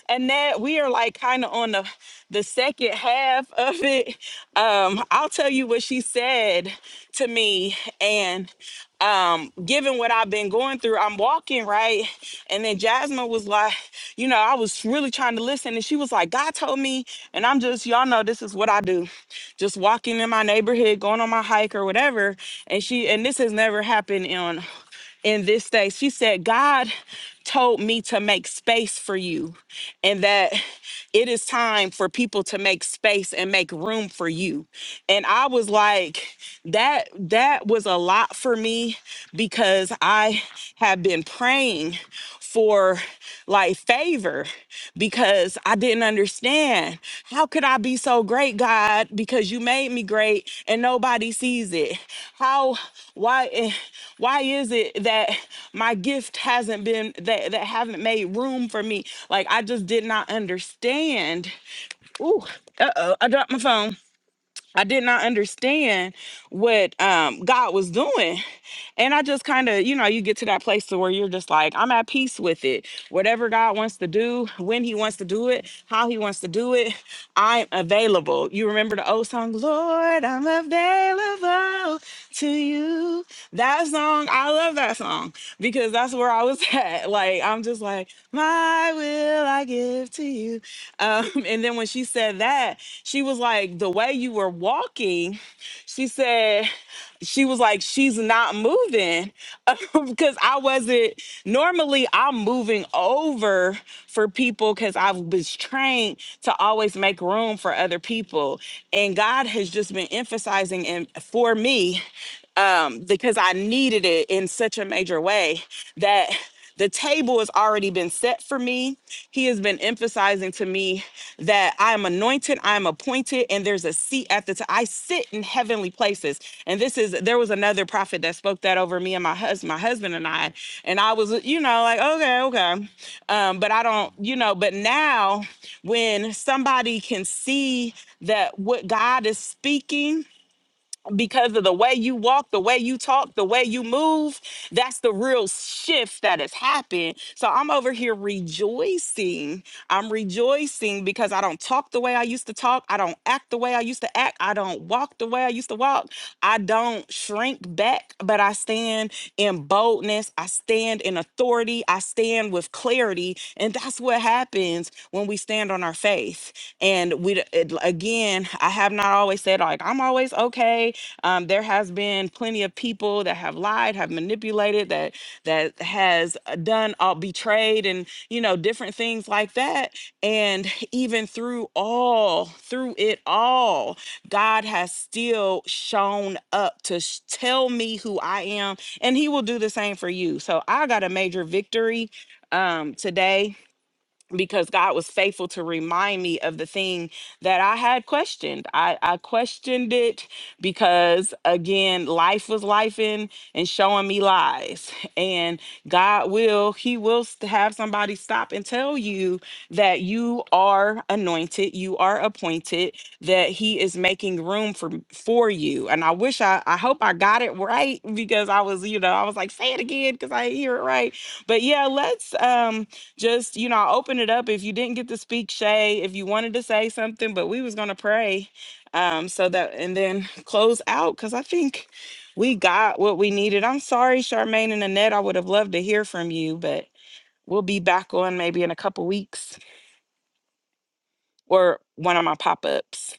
S1: Annette, we are like kind of on the the second half of it. Um, I'll tell you what she said to me, and um, given what I've been going through, I'm walking right, and then Jasmine was like, you know, I was really trying to listen, and she was like, God told me, and I'm just, y'all know, this is what I do, just walking in my neighborhood, going on my hike or whatever, and she, and this has never happened on in this day. She said, God told me to make space for you and that it is time for people to make space and make room for you. And I was like, that that was a lot for me because I have been praying for like favor because I didn't understand how could I be so great God because you made me great and nobody sees it how why eh, why is it that my gift hasn't been that that haven't made room for me like I just did not understand ooh uh-oh I dropped my phone I did not understand what um God was doing and I just kind of, you know, you get to that place to where you're just like, I'm at peace with it. Whatever God wants to do, when He wants to do it, how He wants to do it, I'm available. You remember the old song, Lord, I'm available to you. That song, I love that song because that's where I was at. Like, I'm just like, my will I give to you. Um, and then when she said that, she was like, the way you were walking, she said she was like, she's not moving because I wasn't. Normally, I'm moving over for people because I was trained to always make room for other people. And God has just been emphasizing and for me um, because I needed it in such a major way that the table has already been set for me. He has been emphasizing to me that I am anointed, I am appointed, and there's a seat at the t- I sit in heavenly places. And this is there was another prophet that spoke that over me and my husband, my husband and I. And I was, you know, like, okay, okay. Um, but I don't, you know, but now when somebody can see that what God is speaking because of the way you walk, the way you talk, the way you move. That's the real shift that has happened. So I'm over here rejoicing. I'm rejoicing because I don't talk the way I used to talk. I don't act the way I used to act. I don't walk the way I used to walk. I don't shrink back, but I stand in boldness. I stand in authority. I stand with clarity. And that's what happens when we stand on our faith and we d- it, again i have not always said like i'm always okay um, there has been plenty of people that have lied have manipulated that that has uh, done all betrayed and you know different things like that and even through all through it all god has still shown up to sh- tell me who i am and he will do the same for you so i got a major victory um today because God was faithful to remind me of the thing that I had questioned. I, I questioned it because, again, life was life and showing me lies. And God will, He will st- have somebody stop and tell you that you are anointed, you are appointed, that He is making room for, for you. And I wish I, I hope I got it right because I was, you know, I was like, say it again because I didn't hear it right. But yeah, let's. Um, just you know open it up if you didn't get to speak shay if you wanted to say something but we was gonna pray um so that and then close out because i think we got what we needed i'm sorry charmaine and annette i would have loved to hear from you but we'll be back on maybe in a couple weeks or one of my pop-ups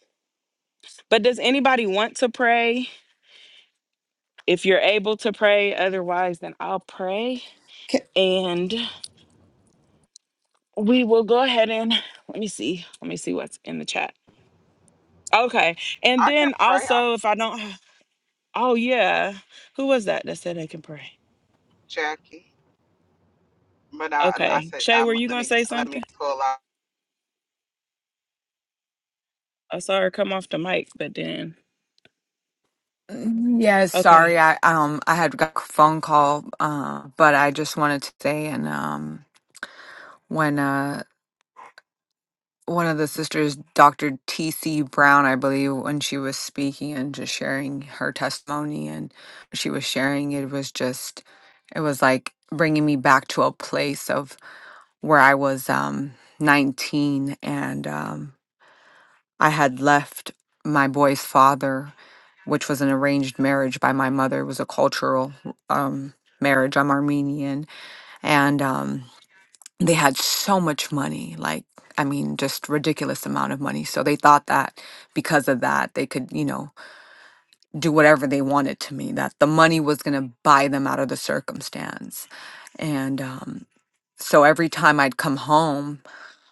S1: but does anybody want to pray if you're able to pray otherwise then i'll pray and we will go ahead and let me see let me see what's in the chat Okay. And
S4: I could
S1: then
S4: pray, Uncle
S1: also, if I don't, oh, yeah. Who was that that said they can pray?
S4: Jackie, but I, I
S1: Okay.
S4: said,
S1: Shay, were
S4: um,
S1: you
S4: let
S1: going to
S4: me
S1: say
S4: let me
S1: something?
S4: pull out.
S1: I saw her come off the mic, but then,
S5: Yeah,
S1: okay.
S5: sorry. I um I had got a phone call, uh, but I just wanted to say and um when one of the sisters, Dr. T.C. Brown, I believe, when she was speaking and just sharing her testimony and she was sharing, it was just, it was like bringing me back to a place of where I was um, 19 and um, I had left my boy's father, which was an arranged marriage by my mother. It was a cultural um, marriage. I'm Armenian. And, um, they had so much money like i mean just ridiculous amount of money so they thought that because of that they could you know do whatever they wanted to me that the money was going to buy them out of the circumstance and um so every time I'd come home,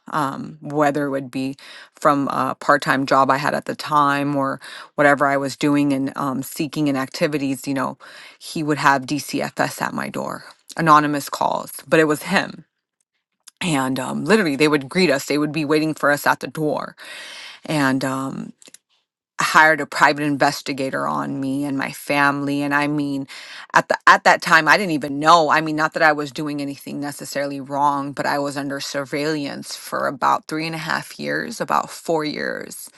S5: um, whether it would be from a part-time job I had at the time or whatever I was doing and um, seeking in activities, you know, he would have DCFS at my door, anonymous calls, but it was him and um, literally they would greet us they would be waiting for us at the door and um, I hired a private investigator on me and my family and i mean at the at that time i didn't even know i mean not that i was doing anything necessarily wrong but i was under surveillance for about three and a half years about four years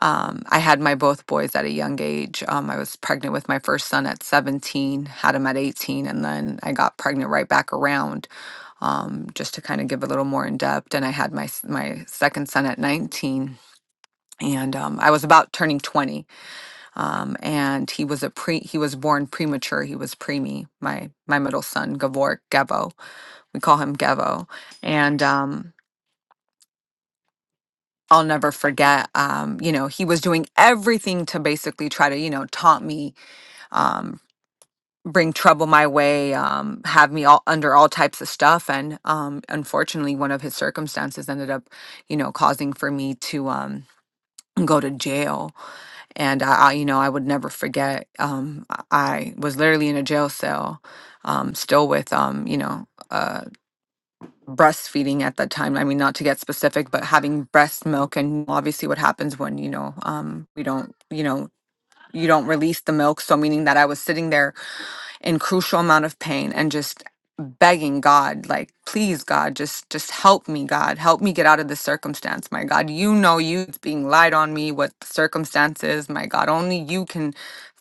S5: um, i had my both boys at a young age um, i was pregnant with my first son at 17 had him at 18 and then i got pregnant right back around um, just to kind of give a little more in depth. And I had my my second son at 19, and um, I was about turning 20, um, and he was a pre he was born premature. He was preemie. My my middle son Gavor Gevo, we call him Gevo, and. Um, I'll never forget. Um, you know, he was doing everything to basically try to, you know, taunt me, um, bring trouble my way, um, have me all under all types of stuff. And um, unfortunately, one of his circumstances ended up, you know, causing for me to um, go to jail. And I, I, you know, I would never forget. Um, I I was literally in a jail cell, um, still with, um, you know, uh, breastfeeding at that time. I mean, not to get specific, but having breast milk and obviously what happens when, you know, um, we don't, you know, you don't release the milk. So meaning that I was sitting there in crucial amount of pain and just begging God, like, please, God, just just help me, God, help me get out of this circumstance, my God. You know you it's being lied on me, what the circumstance is, my God. Only you can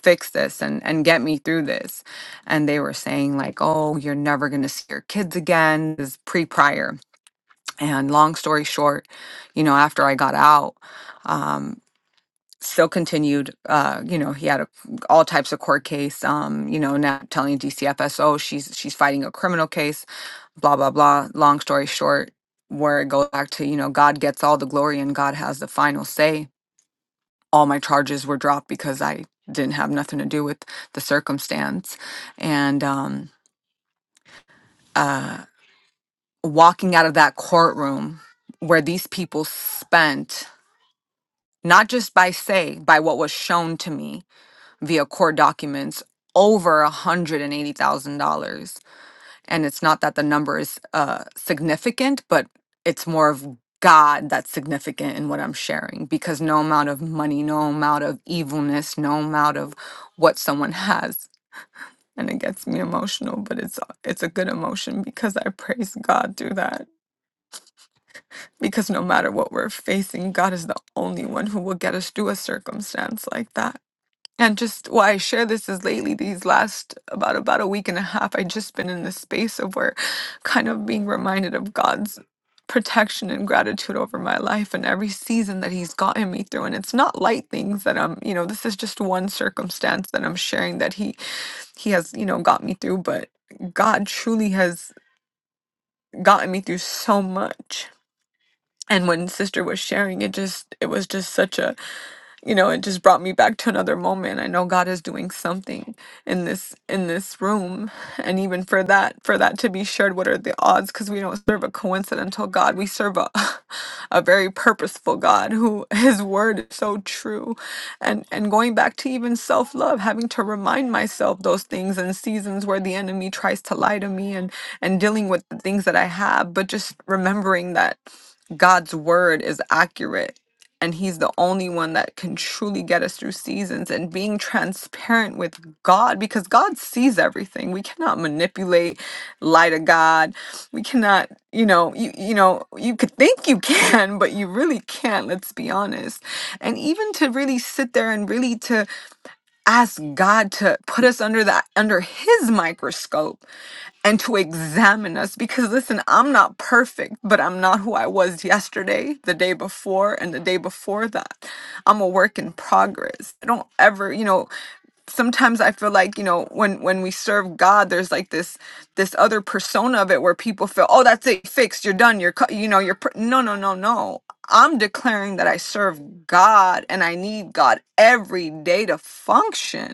S5: fix this and and get me through this. And they were saying like, oh, you're never gonna see your kids again. This is pre prior. And long story short, you know, after I got out. um, still continued uh you know he had a, all types of court case um you know now telling dcfs oh she's she's fighting a criminal case blah blah blah long story short where it goes back to you know god gets all the glory and god has the final say all my charges were dropped because i didn't have nothing to do with the circumstance and um uh walking out of that courtroom where these people spent not just by say by what was shown to me via court documents over $180,000. And it's not that the number is uh, significant, but it's more of God that's significant in what I'm sharing because no amount of money, no amount of evilness, no amount of what someone has. And it gets me emotional, but it's it's a good emotion because I praise God through that. Because no matter what we're facing, God is the only one who will get us through a circumstance like that. And just why I share this is lately, these last about about a week and a half, I just been in this space of where kind of being reminded of God's protection and gratitude over my life and every season that he's gotten me through. And it's not light things that I'm, you know, this is just one circumstance that I'm sharing that he he has, you know, got me through, but God truly has gotten me through so much. And when sister was sharing it just it was just such a you know it just brought me back to another moment i know god is doing something in this in this room and even for that for that to be shared what are the odds because we don't serve a coincidental god we serve a a very purposeful god who his word is so true and and going back to even self-love having to remind myself those things in seasons where the enemy tries to lie to me and and dealing with the things that i have but just remembering that God's word is accurate and he's the only one that can truly get us through seasons and being transparent with God because God sees everything. We cannot manipulate lie to God. We cannot, you know, you, you know, you could think you can, but you really can't, let's be honest. And even to really sit there and really to ask God to put us under that under his microscope and to examine us because listen, I'm not perfect, but I'm not who I was yesterday, the day before, and the day before that. I'm a work in progress. I don't ever, you know sometimes i feel like you know when when we serve god there's like this this other persona of it where people feel oh that's it fixed you're done you're cut you know you're pr-. no no no no i'm declaring that i serve god and i need god every day to function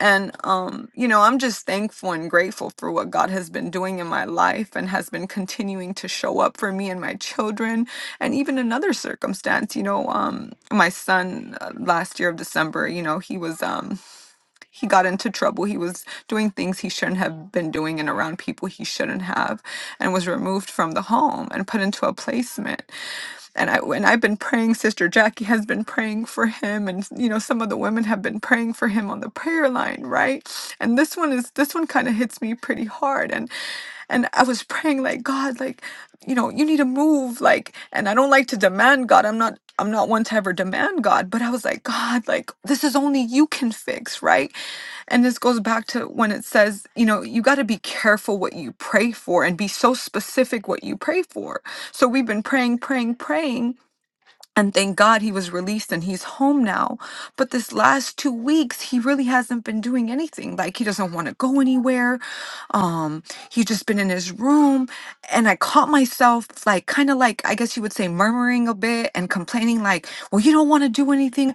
S5: and um you know i'm just thankful and grateful for what god has been doing in my life and has been continuing to show up for me and my children and even another circumstance you know um my son uh, last year of december you know he was um he got into trouble. He was doing things he shouldn't have been doing and around people he shouldn't have, and was removed from the home and put into a placement and I and I've been praying. Sister Jackie has been praying for him, and you know some of the women have been praying for him on the prayer line, right? And this one is this one kind of hits me pretty hard, and. And I was praying like, God, like, you know, you need to move. Like, and I don't like to demand God. I'm not, I'm not one to ever demand God, but I was like, God, like, this is only you can fix, right? And this goes back to when it says, you know, you got to be careful what you pray for and be so specific what you pray for. So we've been praying, praying, praying and thank God he was released and he's home now. But this last two weeks, he really hasn't been doing anything. Like he doesn't want to go anywhere. Um, he's just been in his room. And I caught myself like kind of like I guess you would say murmuring a bit and complaining, like, well, you don't want to do anything.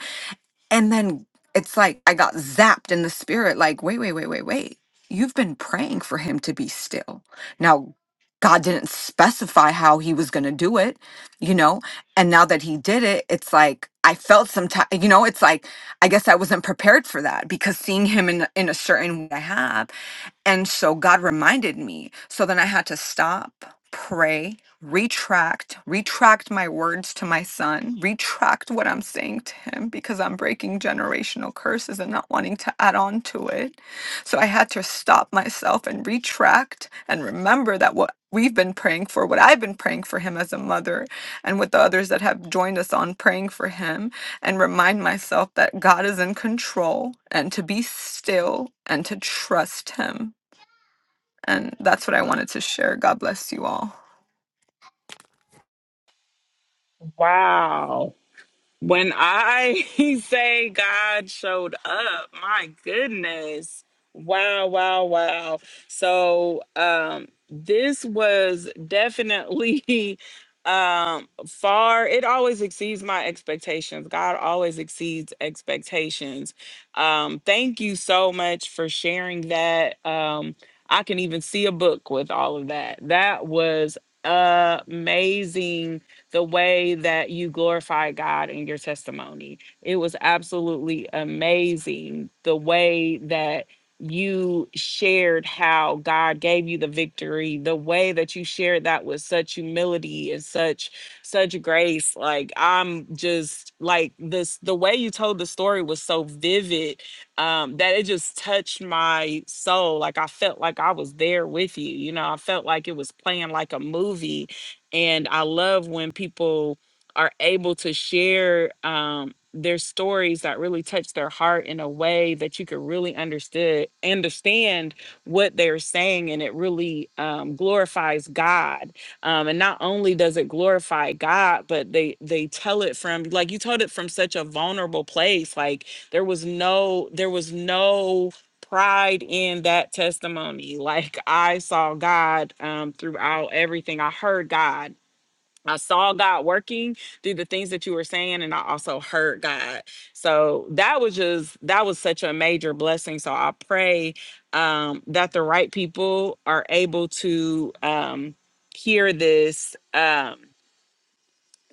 S5: And then it's like I got zapped in the spirit, like, wait, wait, wait, wait, wait. You've been praying for him to be still. Now, God didn't specify how he was going to do it, you know? And now that he did it, it's like I felt some time, you know, it's like I guess I wasn't prepared for that because seeing him in in a certain way I have. And so God reminded me. So then I had to stop, pray, retract, retract my words to my son, retract what I'm saying to him because I'm breaking generational curses and not wanting to add on to it. So I had to stop myself and retract and remember that what we've been praying for, what I've been praying for him as a mother, and with the others that have joined us on praying for him and remind myself that God is in control and to be still and to trust Him. And that's what I wanted to share. God bless you all.
S1: Wow. When I say God showed up, my goodness. Wow, wow, wow. So um this was definitely um far it always exceeds my expectations. God always exceeds expectations. Um thank you so much for sharing that. Um I can even see a book with all of that. That was amazing the way that you glorify God in your testimony. It was absolutely amazing the way that you shared how God gave you the victory, the way that you shared that with such humility and such such grace. Like I'm just like this the way you told the story was so vivid um that it just touched my soul. Like I felt like I was there with you. You know, I felt like it was playing like a movie and i love when people are able to share um, their stories that really touch their heart in a way that you can really understood understand what they're saying and it really um, glorifies god um, and not only does it glorify god but they they tell it from like you told it from such a vulnerable place like there was no there was no pride in that testimony. Like I saw God um, throughout everything. I heard God. I saw God working through the things that you were saying, and I also heard God. So that was just that was such a major blessing. So I pray um, that the right people are able to um, hear this. Um,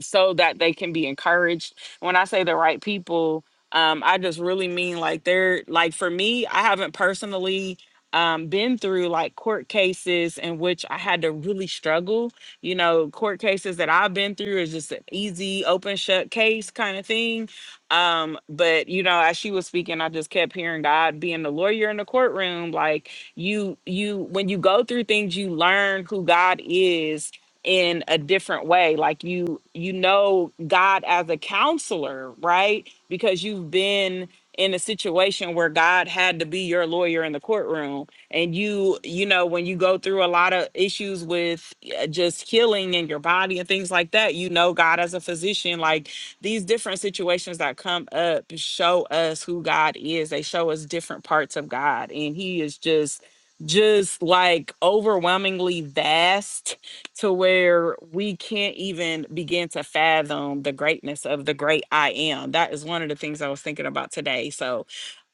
S1: so that they can be encouraged. When I say the right people, um, I just really mean like they're like for me, I haven't personally um, been through like court cases in which I had to really struggle. You know, court cases that I've been through is just an easy, open, shut case kind of thing. Um, but you know, as she was speaking, I just kept hearing God being the lawyer in the courtroom. Like you, you, when you go through things, you learn who God is in a different way like you you know god as a counselor right because you've been in a situation where god had to be your lawyer in the courtroom and you you know when you go through a lot of issues with uh, just healing in your body and things like that you know god as a physician like these different situations that come up show us who god is they show us different parts of god and he is just just like overwhelmingly vast to where we can't even begin to fathom the greatness of the great I am. That is one of the things I was thinking about today. So,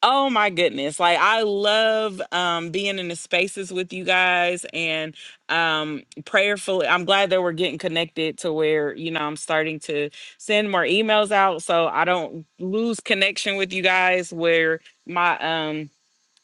S1: oh my goodness, like I love um, being in the spaces with you guys and um, prayerfully. I'm glad that we're getting connected to where, you know, I'm starting to send more emails out so I don't lose connection with you guys where my, um,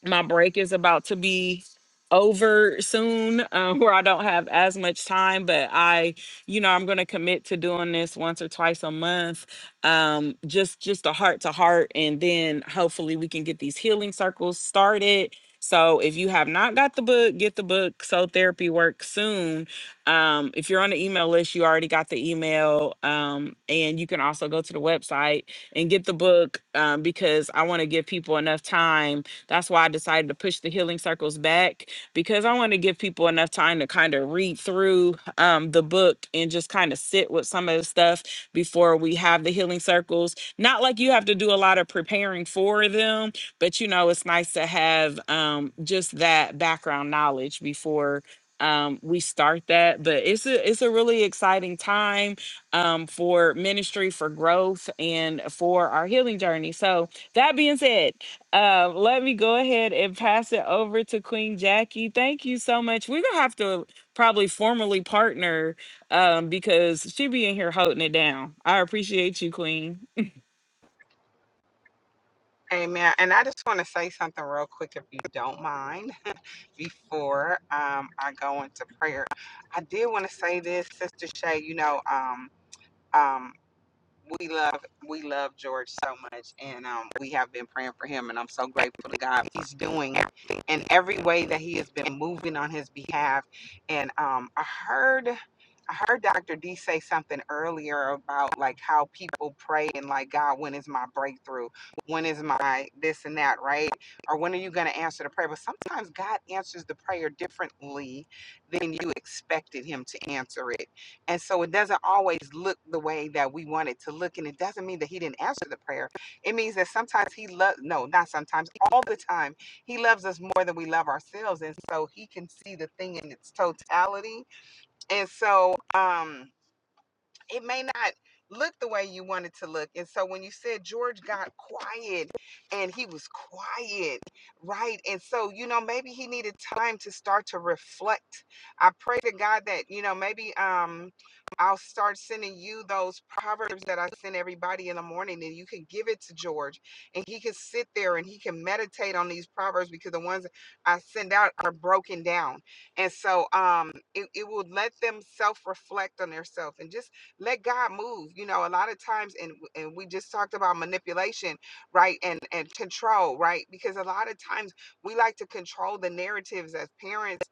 S1: my break is about to be over soon um, where i don't have as much time but i you know i'm going to commit to doing this once or twice a month um, just just a heart to heart and then hopefully we can get these healing circles started so if you have not got the book get the book so therapy works soon um, if you're on the email list you already got the email um, and you can also go to the website and get the book um, because i want to give people enough time that's why I decided to push the healing circles back because I want to give people enough time to kind of read through um, the book and just kind of sit with some of the stuff before we have the healing circles. Not like you have to do a lot of preparing for them, but you know, it's nice to have um, just that background knowledge before um we start that but it's a it's a really exciting time um for ministry for growth and for our healing journey so that being said um, let me go ahead and pass it over to Queen Jackie. Thank you so much. We're gonna have to probably formally partner um, because she be in here holding it down. I appreciate you, Queen.
S4: Amen. And I just want to say something real quick, if you don't mind, before um, I go into prayer. I did want to say this, Sister Shay. You know, um, um, we love we love George so much, and um, we have been praying for him, and I'm so grateful to God He's doing, in every way that He has been moving on His behalf. And um, I heard I heard Dr. D say something earlier about like how people pray and like God, when is my breakthrough? When is my this and that, right? Or when are you going to answer the prayer? But sometimes God answers the prayer differently than you expected Him to answer it and so it doesn't always look the way that we want it to look. And it doesn't mean that he didn't answer the prayer. It means that sometimes he loves, no, not sometimes, all the time, he loves us more than we love ourselves. And so he can see the thing in its totality. And so, um, it may not look the way you want it to look. And so when you said George got quiet and he was quiet, right? And so, you know, maybe he needed time to start to reflect. I pray to God that, you know, maybe um I'll start sending you those proverbs that I send everybody in the morning and you can give it to George and he can sit there and he can meditate on these proverbs because the ones I send out are broken down. And so um it, it will let them self-reflect on themselves and just let God move. You know, a lot of times, and and we just talked about manipulation, right, and and control, right, because a lot of times we like to control the narratives as parents.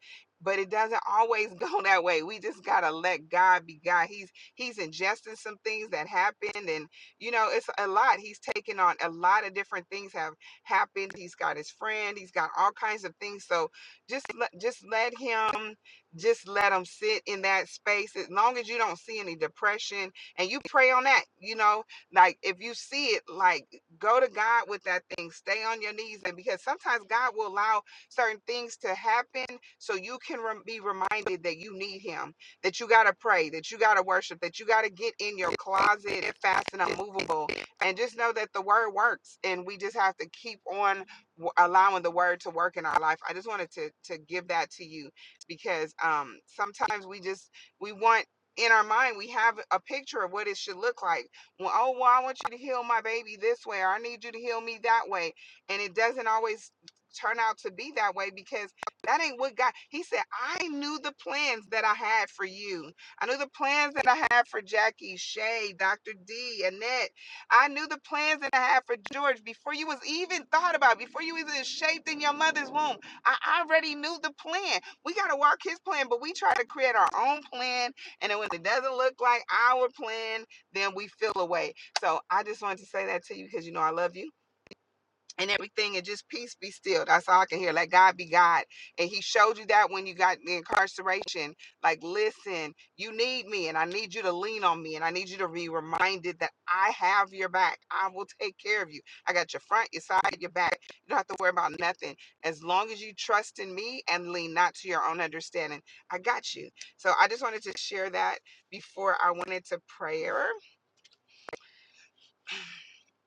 S4: But it doesn't always go that way. We just gotta let God be God. He's he's ingesting some things that happened, and you know it's a lot. He's taken on a lot of different things have happened. He's got his friend. He's got all kinds of things. So just let just let him just let them sit in that space as long as you don't see any depression and you pray on that you know like if you see it like go to god with that thing stay on your knees and because sometimes god will allow certain things to happen so you can rem- be reminded that you need him that you got to pray that you got to worship that you got to get in your closet and fast and unmovable and just know that the word works and we just have to keep on w- allowing the word to work in our life i just wanted to to give that to you because um sometimes we just we want in our mind we have a picture of what it should look like well oh well i want you to heal my baby this way or i need you to heal me that way and it doesn't always turn out to be that way because that ain't what god he said i knew the plans that i had for you i knew the plans that i had for jackie shay dr d annette i knew the plans that i had for george before you was even thought about before you was even shaped in your mother's womb i already knew the plan we got to walk his plan, but we try to create our own plan. And then when it doesn't look like our plan, then we feel away. So I just wanted to say that to you because you know I love you and everything and just peace be still that's all i can hear let god be god and he showed you that when you got the incarceration like listen you need me and i need you to lean on me and i need you to be reminded that i have your back i will take care of you i got your front your side your back you don't have to worry about nothing as long as you trust in me and lean not to your own understanding i got you so i just wanted to share that before i went into prayer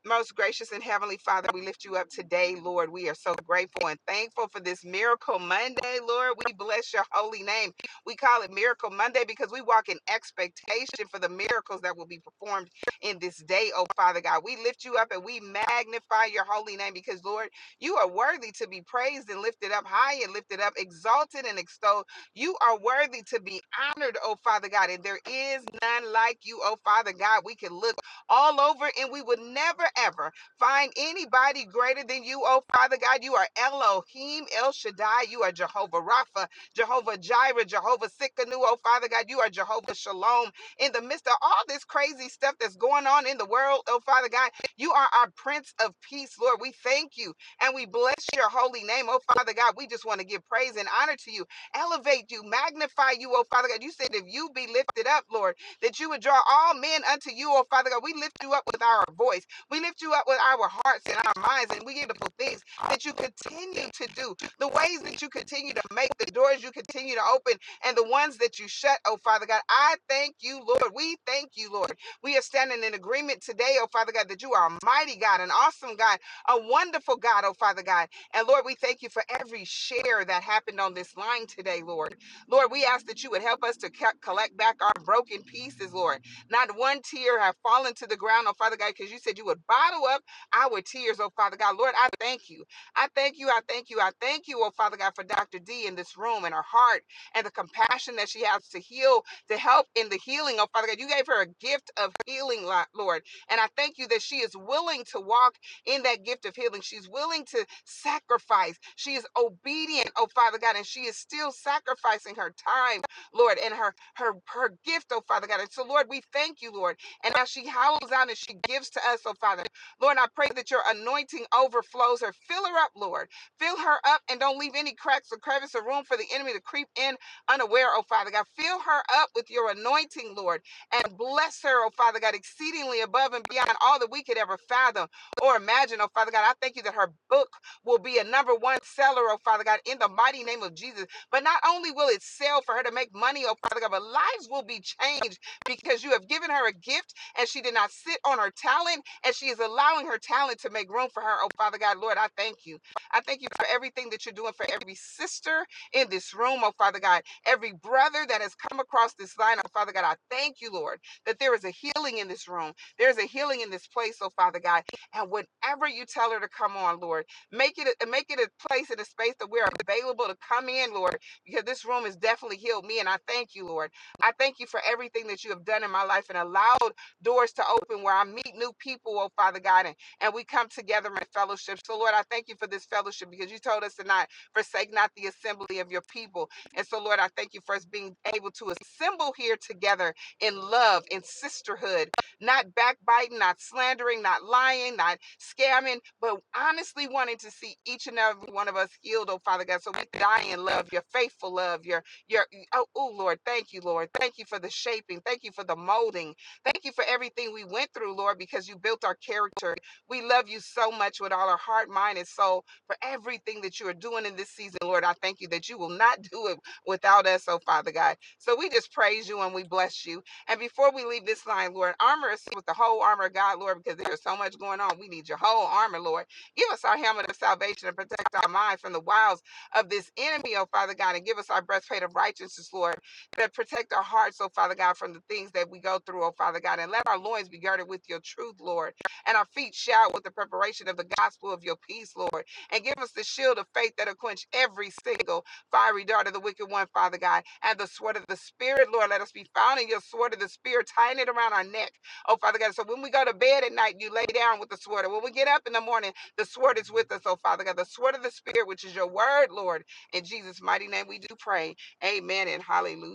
S4: most gracious and heavenly Father, we lift you up today, Lord. We are so grateful and thankful for this miracle Monday, Lord. We bless your holy name. We call it Miracle Monday because we walk in expectation for the miracles that will be performed in this day, oh Father God. We lift you up and we magnify your holy name because, Lord, you are worthy to be praised and lifted up high and lifted up, exalted and extolled. You are worthy to be honored, oh Father God, and there is none like you, oh Father God. We can look all over, and we would never ever find anybody greater than you, oh Father God. You are Elohim, El Shaddai, you are Jehovah Rapha, Jehovah Jireh, Jehovah Sikkenu, oh Father God, you are Jehovah Shalom. In the midst of all this crazy stuff that's going on in the world, oh Father God, you are our Prince of Peace, Lord. We thank you and we bless your holy name, oh Father God. We just want to give praise and honor to you, elevate you, magnify you, oh Father God. You said if you be lifted up, Lord that you would draw all men unto you, oh Father God. We lift you up with our voice. We lift you up with our hearts and our minds and we give beautiful things that you continue to do, the ways that you continue to make, the doors you continue to open, and the ones that you shut, oh Father God. I thank you, Lord. We thank you, Lord. We are standing in agreement today, oh Father God, that you are a mighty God, an awesome God, a wonderful God, oh Father God. And Lord, we thank you for every share that happened on this line today, Lord. Lord, we ask that you would help us to co- collect back our broken pieces, Lord. Not one tear have fallen to the ground, oh Father God, because you said you would bottle up our tears, oh Father God. Lord, I thank you. I thank you. I thank you. I thank you, oh Father God, for Dr. D in this room and her heart and the compassion that she has to heal, to help in the healing, oh Father God. You gave her a gift of healing, Lord. And I thank you that she is willing to walk in that gift of healing. She's willing to sacrifice. She is obedient, oh Father God, and she is still sacrificing her time, Lord, and her her her gift, oh Father God. And so, Lord, we thank you, Lord. And as she howls out and she gives to us, oh Father, Lord, I pray that your anointing overflows her. Fill her up, Lord. Fill her up and don't leave any cracks or crevice or room for the enemy to creep in unaware, oh Father God. Fill her up with your anointing, Lord, and bless her, oh Father God, exceedingly above and beyond all that we could ever fathom or imagine, oh Father God. I thank you that her book will be a number one seller, oh Father God, in the mighty name of Jesus. But not only will it sell for her to make money, oh Father God, but lives will be changed because you have given her a gift and she did not sit on her talent and she is allowing her talent to make room for her. Oh Father God, Lord, I thank you. I thank you for everything that you're doing for every sister in this room, oh Father God, every brother that has come across this line, oh Father God, I thank you, Lord, that there is a healing in this room. There is a healing in this place, oh Father God and whenever you tell her to come on, Lord, make it a, make it a place and a space that we're available to come in, Lord, because this room has definitely healed me. And I thank you, Lord. I thank you for everything that you have done in my life and allowed doors to open where I meet new people, oh Father God, and, and we come together in fellowship. So, Lord, I thank you for this fellowship because you told us to not forsake not the assembly of your people. And so, Lord, I thank you for us being able to assemble here together in love, in sisterhood, not backbiting, not slandering, not lying, not scamming, but honestly wanting to see each and every one of us healed, oh Father God. So we die in love, your faithful love, your your oh, oh Lord, thank you, Lord. Thank you for the shaping, thank you for the molding, thank you for everything we went through, Lord, because you built our character. We love you so much with all our heart, mind, and soul for everything that you are doing in this season, Lord. I thank you that you will not do it without us, oh Father God. So we just praise you and we bless you. And before we leave this line, Lord, armor us with the whole armor of God, Lord, because there's so much going on. We need your whole armor, Lord. Give us our helmet of salvation and protect our mind from the wiles of this enemy, oh Father God, and give us our breastplate of righteousness, Lord, that protect our hearts, oh Father God, from the things that we go through, oh Father God, and let our loins be girded with your truth, Lord, and our feet shout with the preparation of the gospel of your peace, Lord, and give us the shield of faith that'll quench every single fiery dart of the wicked one, Father God, and the sword of the Spirit, Lord. Let us be found in your sword of the Spirit, tying it around our neck. Oh, Father God. So when we go to bed at night, you lay down with the sword. And when we get up in the morning, the sword is with us, oh, Father God. The sword of the Spirit, which is your word, Lord. In Jesus' mighty name, we do pray. Amen and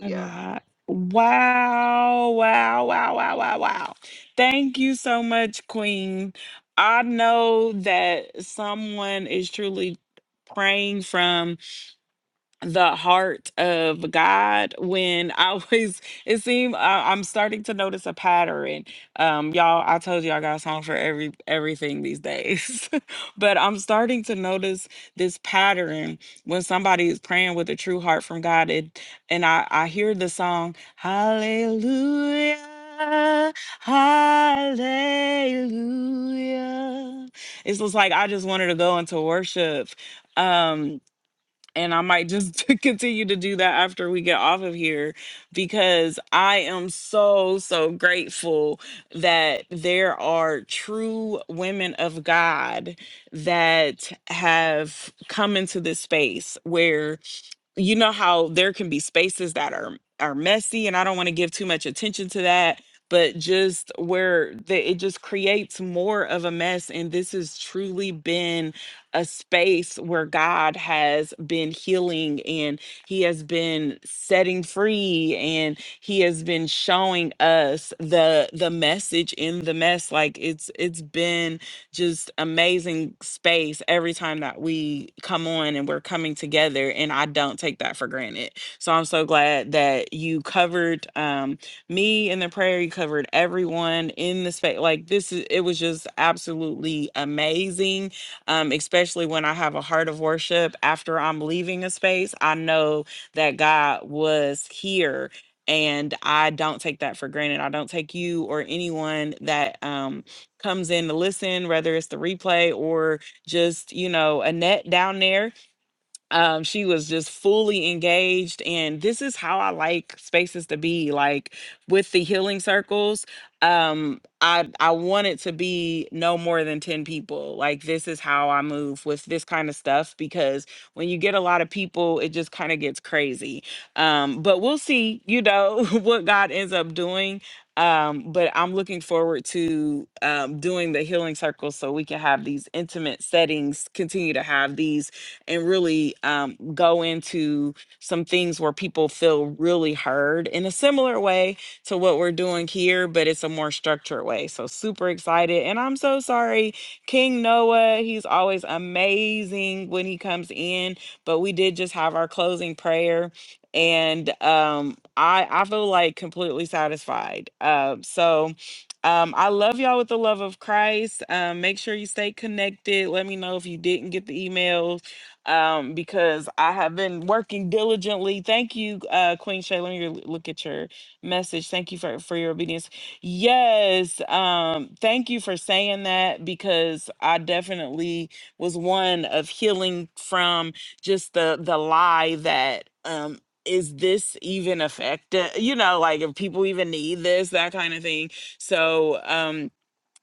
S1: My God. Wow, wow, wow, wow, wow, wow. Thank you so much, Queen. I know that someone is truly praying from the heart of God when I was it seemed I, I'm starting to notice a pattern. Um y'all, I told you I got a song for every everything these days. but I'm starting to notice this pattern when somebody is praying with a true heart from God it, and I I hear the song hallelujah hallelujah. It's just like I just wanted to go into worship. Um and I might just continue to do that after we get off of here because I am so so grateful that there are true women of God that have come into this space where you know how there can be spaces that are are messy and I don't want to give too much attention to that but just where the, it just creates more of a mess and this has truly been a space where God has been healing and he has been setting free and he has been showing us the the message in the mess like it's it's been just amazing space every time that we come on and we're coming together. And I don't take that for granted. So I'm so glad that you covered um, me in the prayer. You covered everyone in the space. Like this is, it was just absolutely amazing. Um, especially when I have a heart of worship after I'm leaving a space, I know that God was here and I don't take that for granted. I don't take you or anyone that um comes in to listen, whether it's the replay or just, you know, Annette down there um she was just fully engaged and this is how i like spaces to be like with the healing circles um i i want it to be no more than 10 people like this is how i move with this kind of stuff because when you get a lot of people it just kind of gets crazy um but we'll see you know what god ends up doing um but i'm looking forward to um doing the healing circles so we can have these intimate settings continue to have these and really um, go into some things where people feel really heard in a similar way to what we're doing here, but it's a more structured way. So super excited. And I'm so sorry, King Noah, he's always amazing when he comes in, but we did just have our closing prayer. And um, I, I feel like completely satisfied. Um, so um, I love y'all with the love of Christ. Um, make sure you stay connected. Let me know if you didn't get the emails um, because I have been working diligently. Thank you, uh, Queen Shay. Let me re- look at your message. Thank you for, for your obedience. Yes, um, thank you for saying that because I definitely was one of healing from just the the lie that um is this even effective you know like if people even need this that kind of thing so um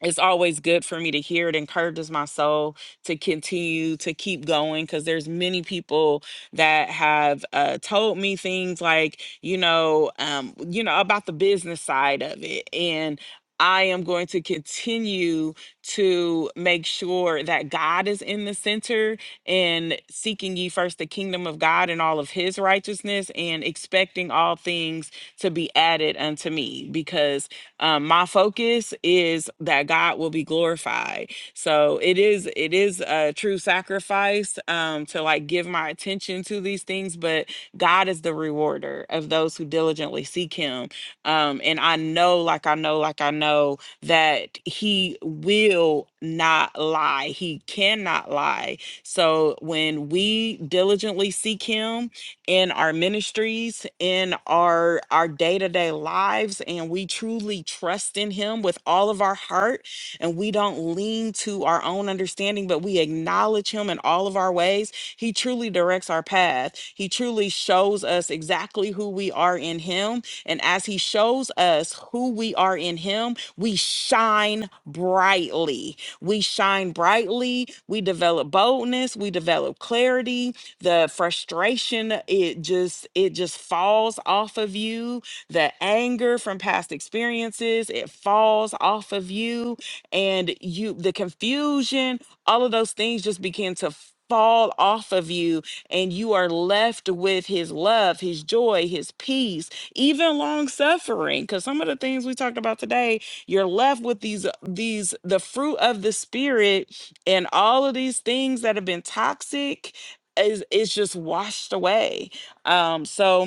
S1: it's always good for me to hear it encourages my soul to continue to keep going because there's many people that have uh, told me things like you know um, you know about the business side of it and I am going to continue to make sure that God is in the center and seeking ye first the kingdom of God and all of his righteousness and expecting all things to be added unto me because um, my focus is that God will be glorified. So it is it is a true sacrifice um, to like give my attention to these things, but God is the rewarder of those who diligently seek Him. Um, and I know, like I know, like I know that He will not lie. He cannot lie. So when we diligently seek Him in our ministries, in our our day-to-day lives and we truly trust in him with all of our heart and we don't lean to our own understanding but we acknowledge him in all of our ways. He truly directs our path. He truly shows us exactly who we are in him and as he shows us who we are in him, we shine brightly. We shine brightly, we develop boldness, we develop clarity, the frustration it just it just falls off of you the anger from past experiences it falls off of you and you the confusion all of those things just begin to fall off of you and you are left with his love his joy his peace even long suffering because some of the things we talked about today you're left with these these the fruit of the spirit and all of these things that have been toxic is is just washed away. Um, so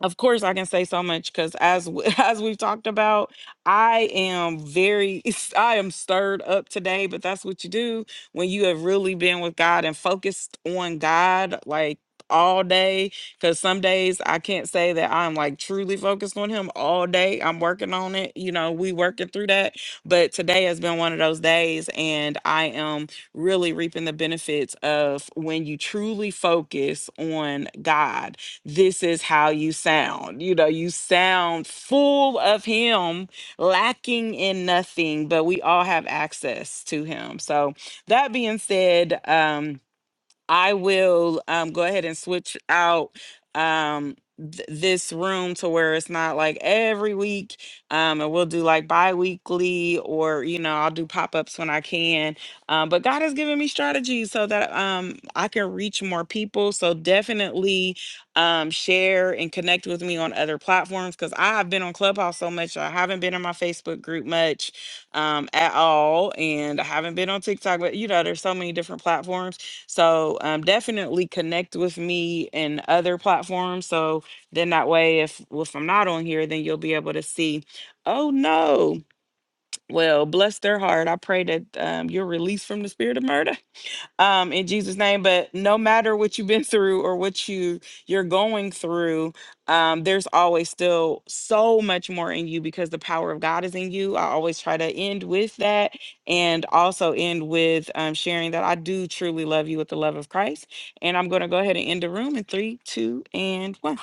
S1: of course, I can say so much because as w- as we've talked about, I am very I am stirred up today. But that's what you do when you have really been with God and focused on God like all day. Because some days I can't say that I'm like truly focused on Him all day. I'm working on it. You know, we working through that. But today has been one of those days, and I am really reaping the benefits of when you truly focus on God this is how you sound. You know, you sound full of Him, lacking in nothing, but we all have access to Him. So, that being said, um I will um, go ahead and switch out um, th- this room to where it's not like every week, um, and we'll do like bi-weekly or you know I'll do pop-ups when I can. Um, but God has given me strategies so that um, I can reach more people. So definitely um, share and connect with me on other platforms because I have been on Clubhouse so much. I haven't been in my Facebook group much um, at all, and I haven't been on TikTok. But you know, there's so many different platforms. So um, definitely connect with me and other platforms. So then that way, if well, if I'm not on here, then you'll be able to see. Oh no! Well, bless their heart. I pray that um, you're released from the spirit of murder um, in Jesus' name. But no matter what you've been through or what you you're going through, um, there's always still so much more in you because the power of God is in you. I always try to end with that, and also end with um, sharing that I do truly love you with the love of Christ. And I'm going to go ahead and end the room in three, two, and one.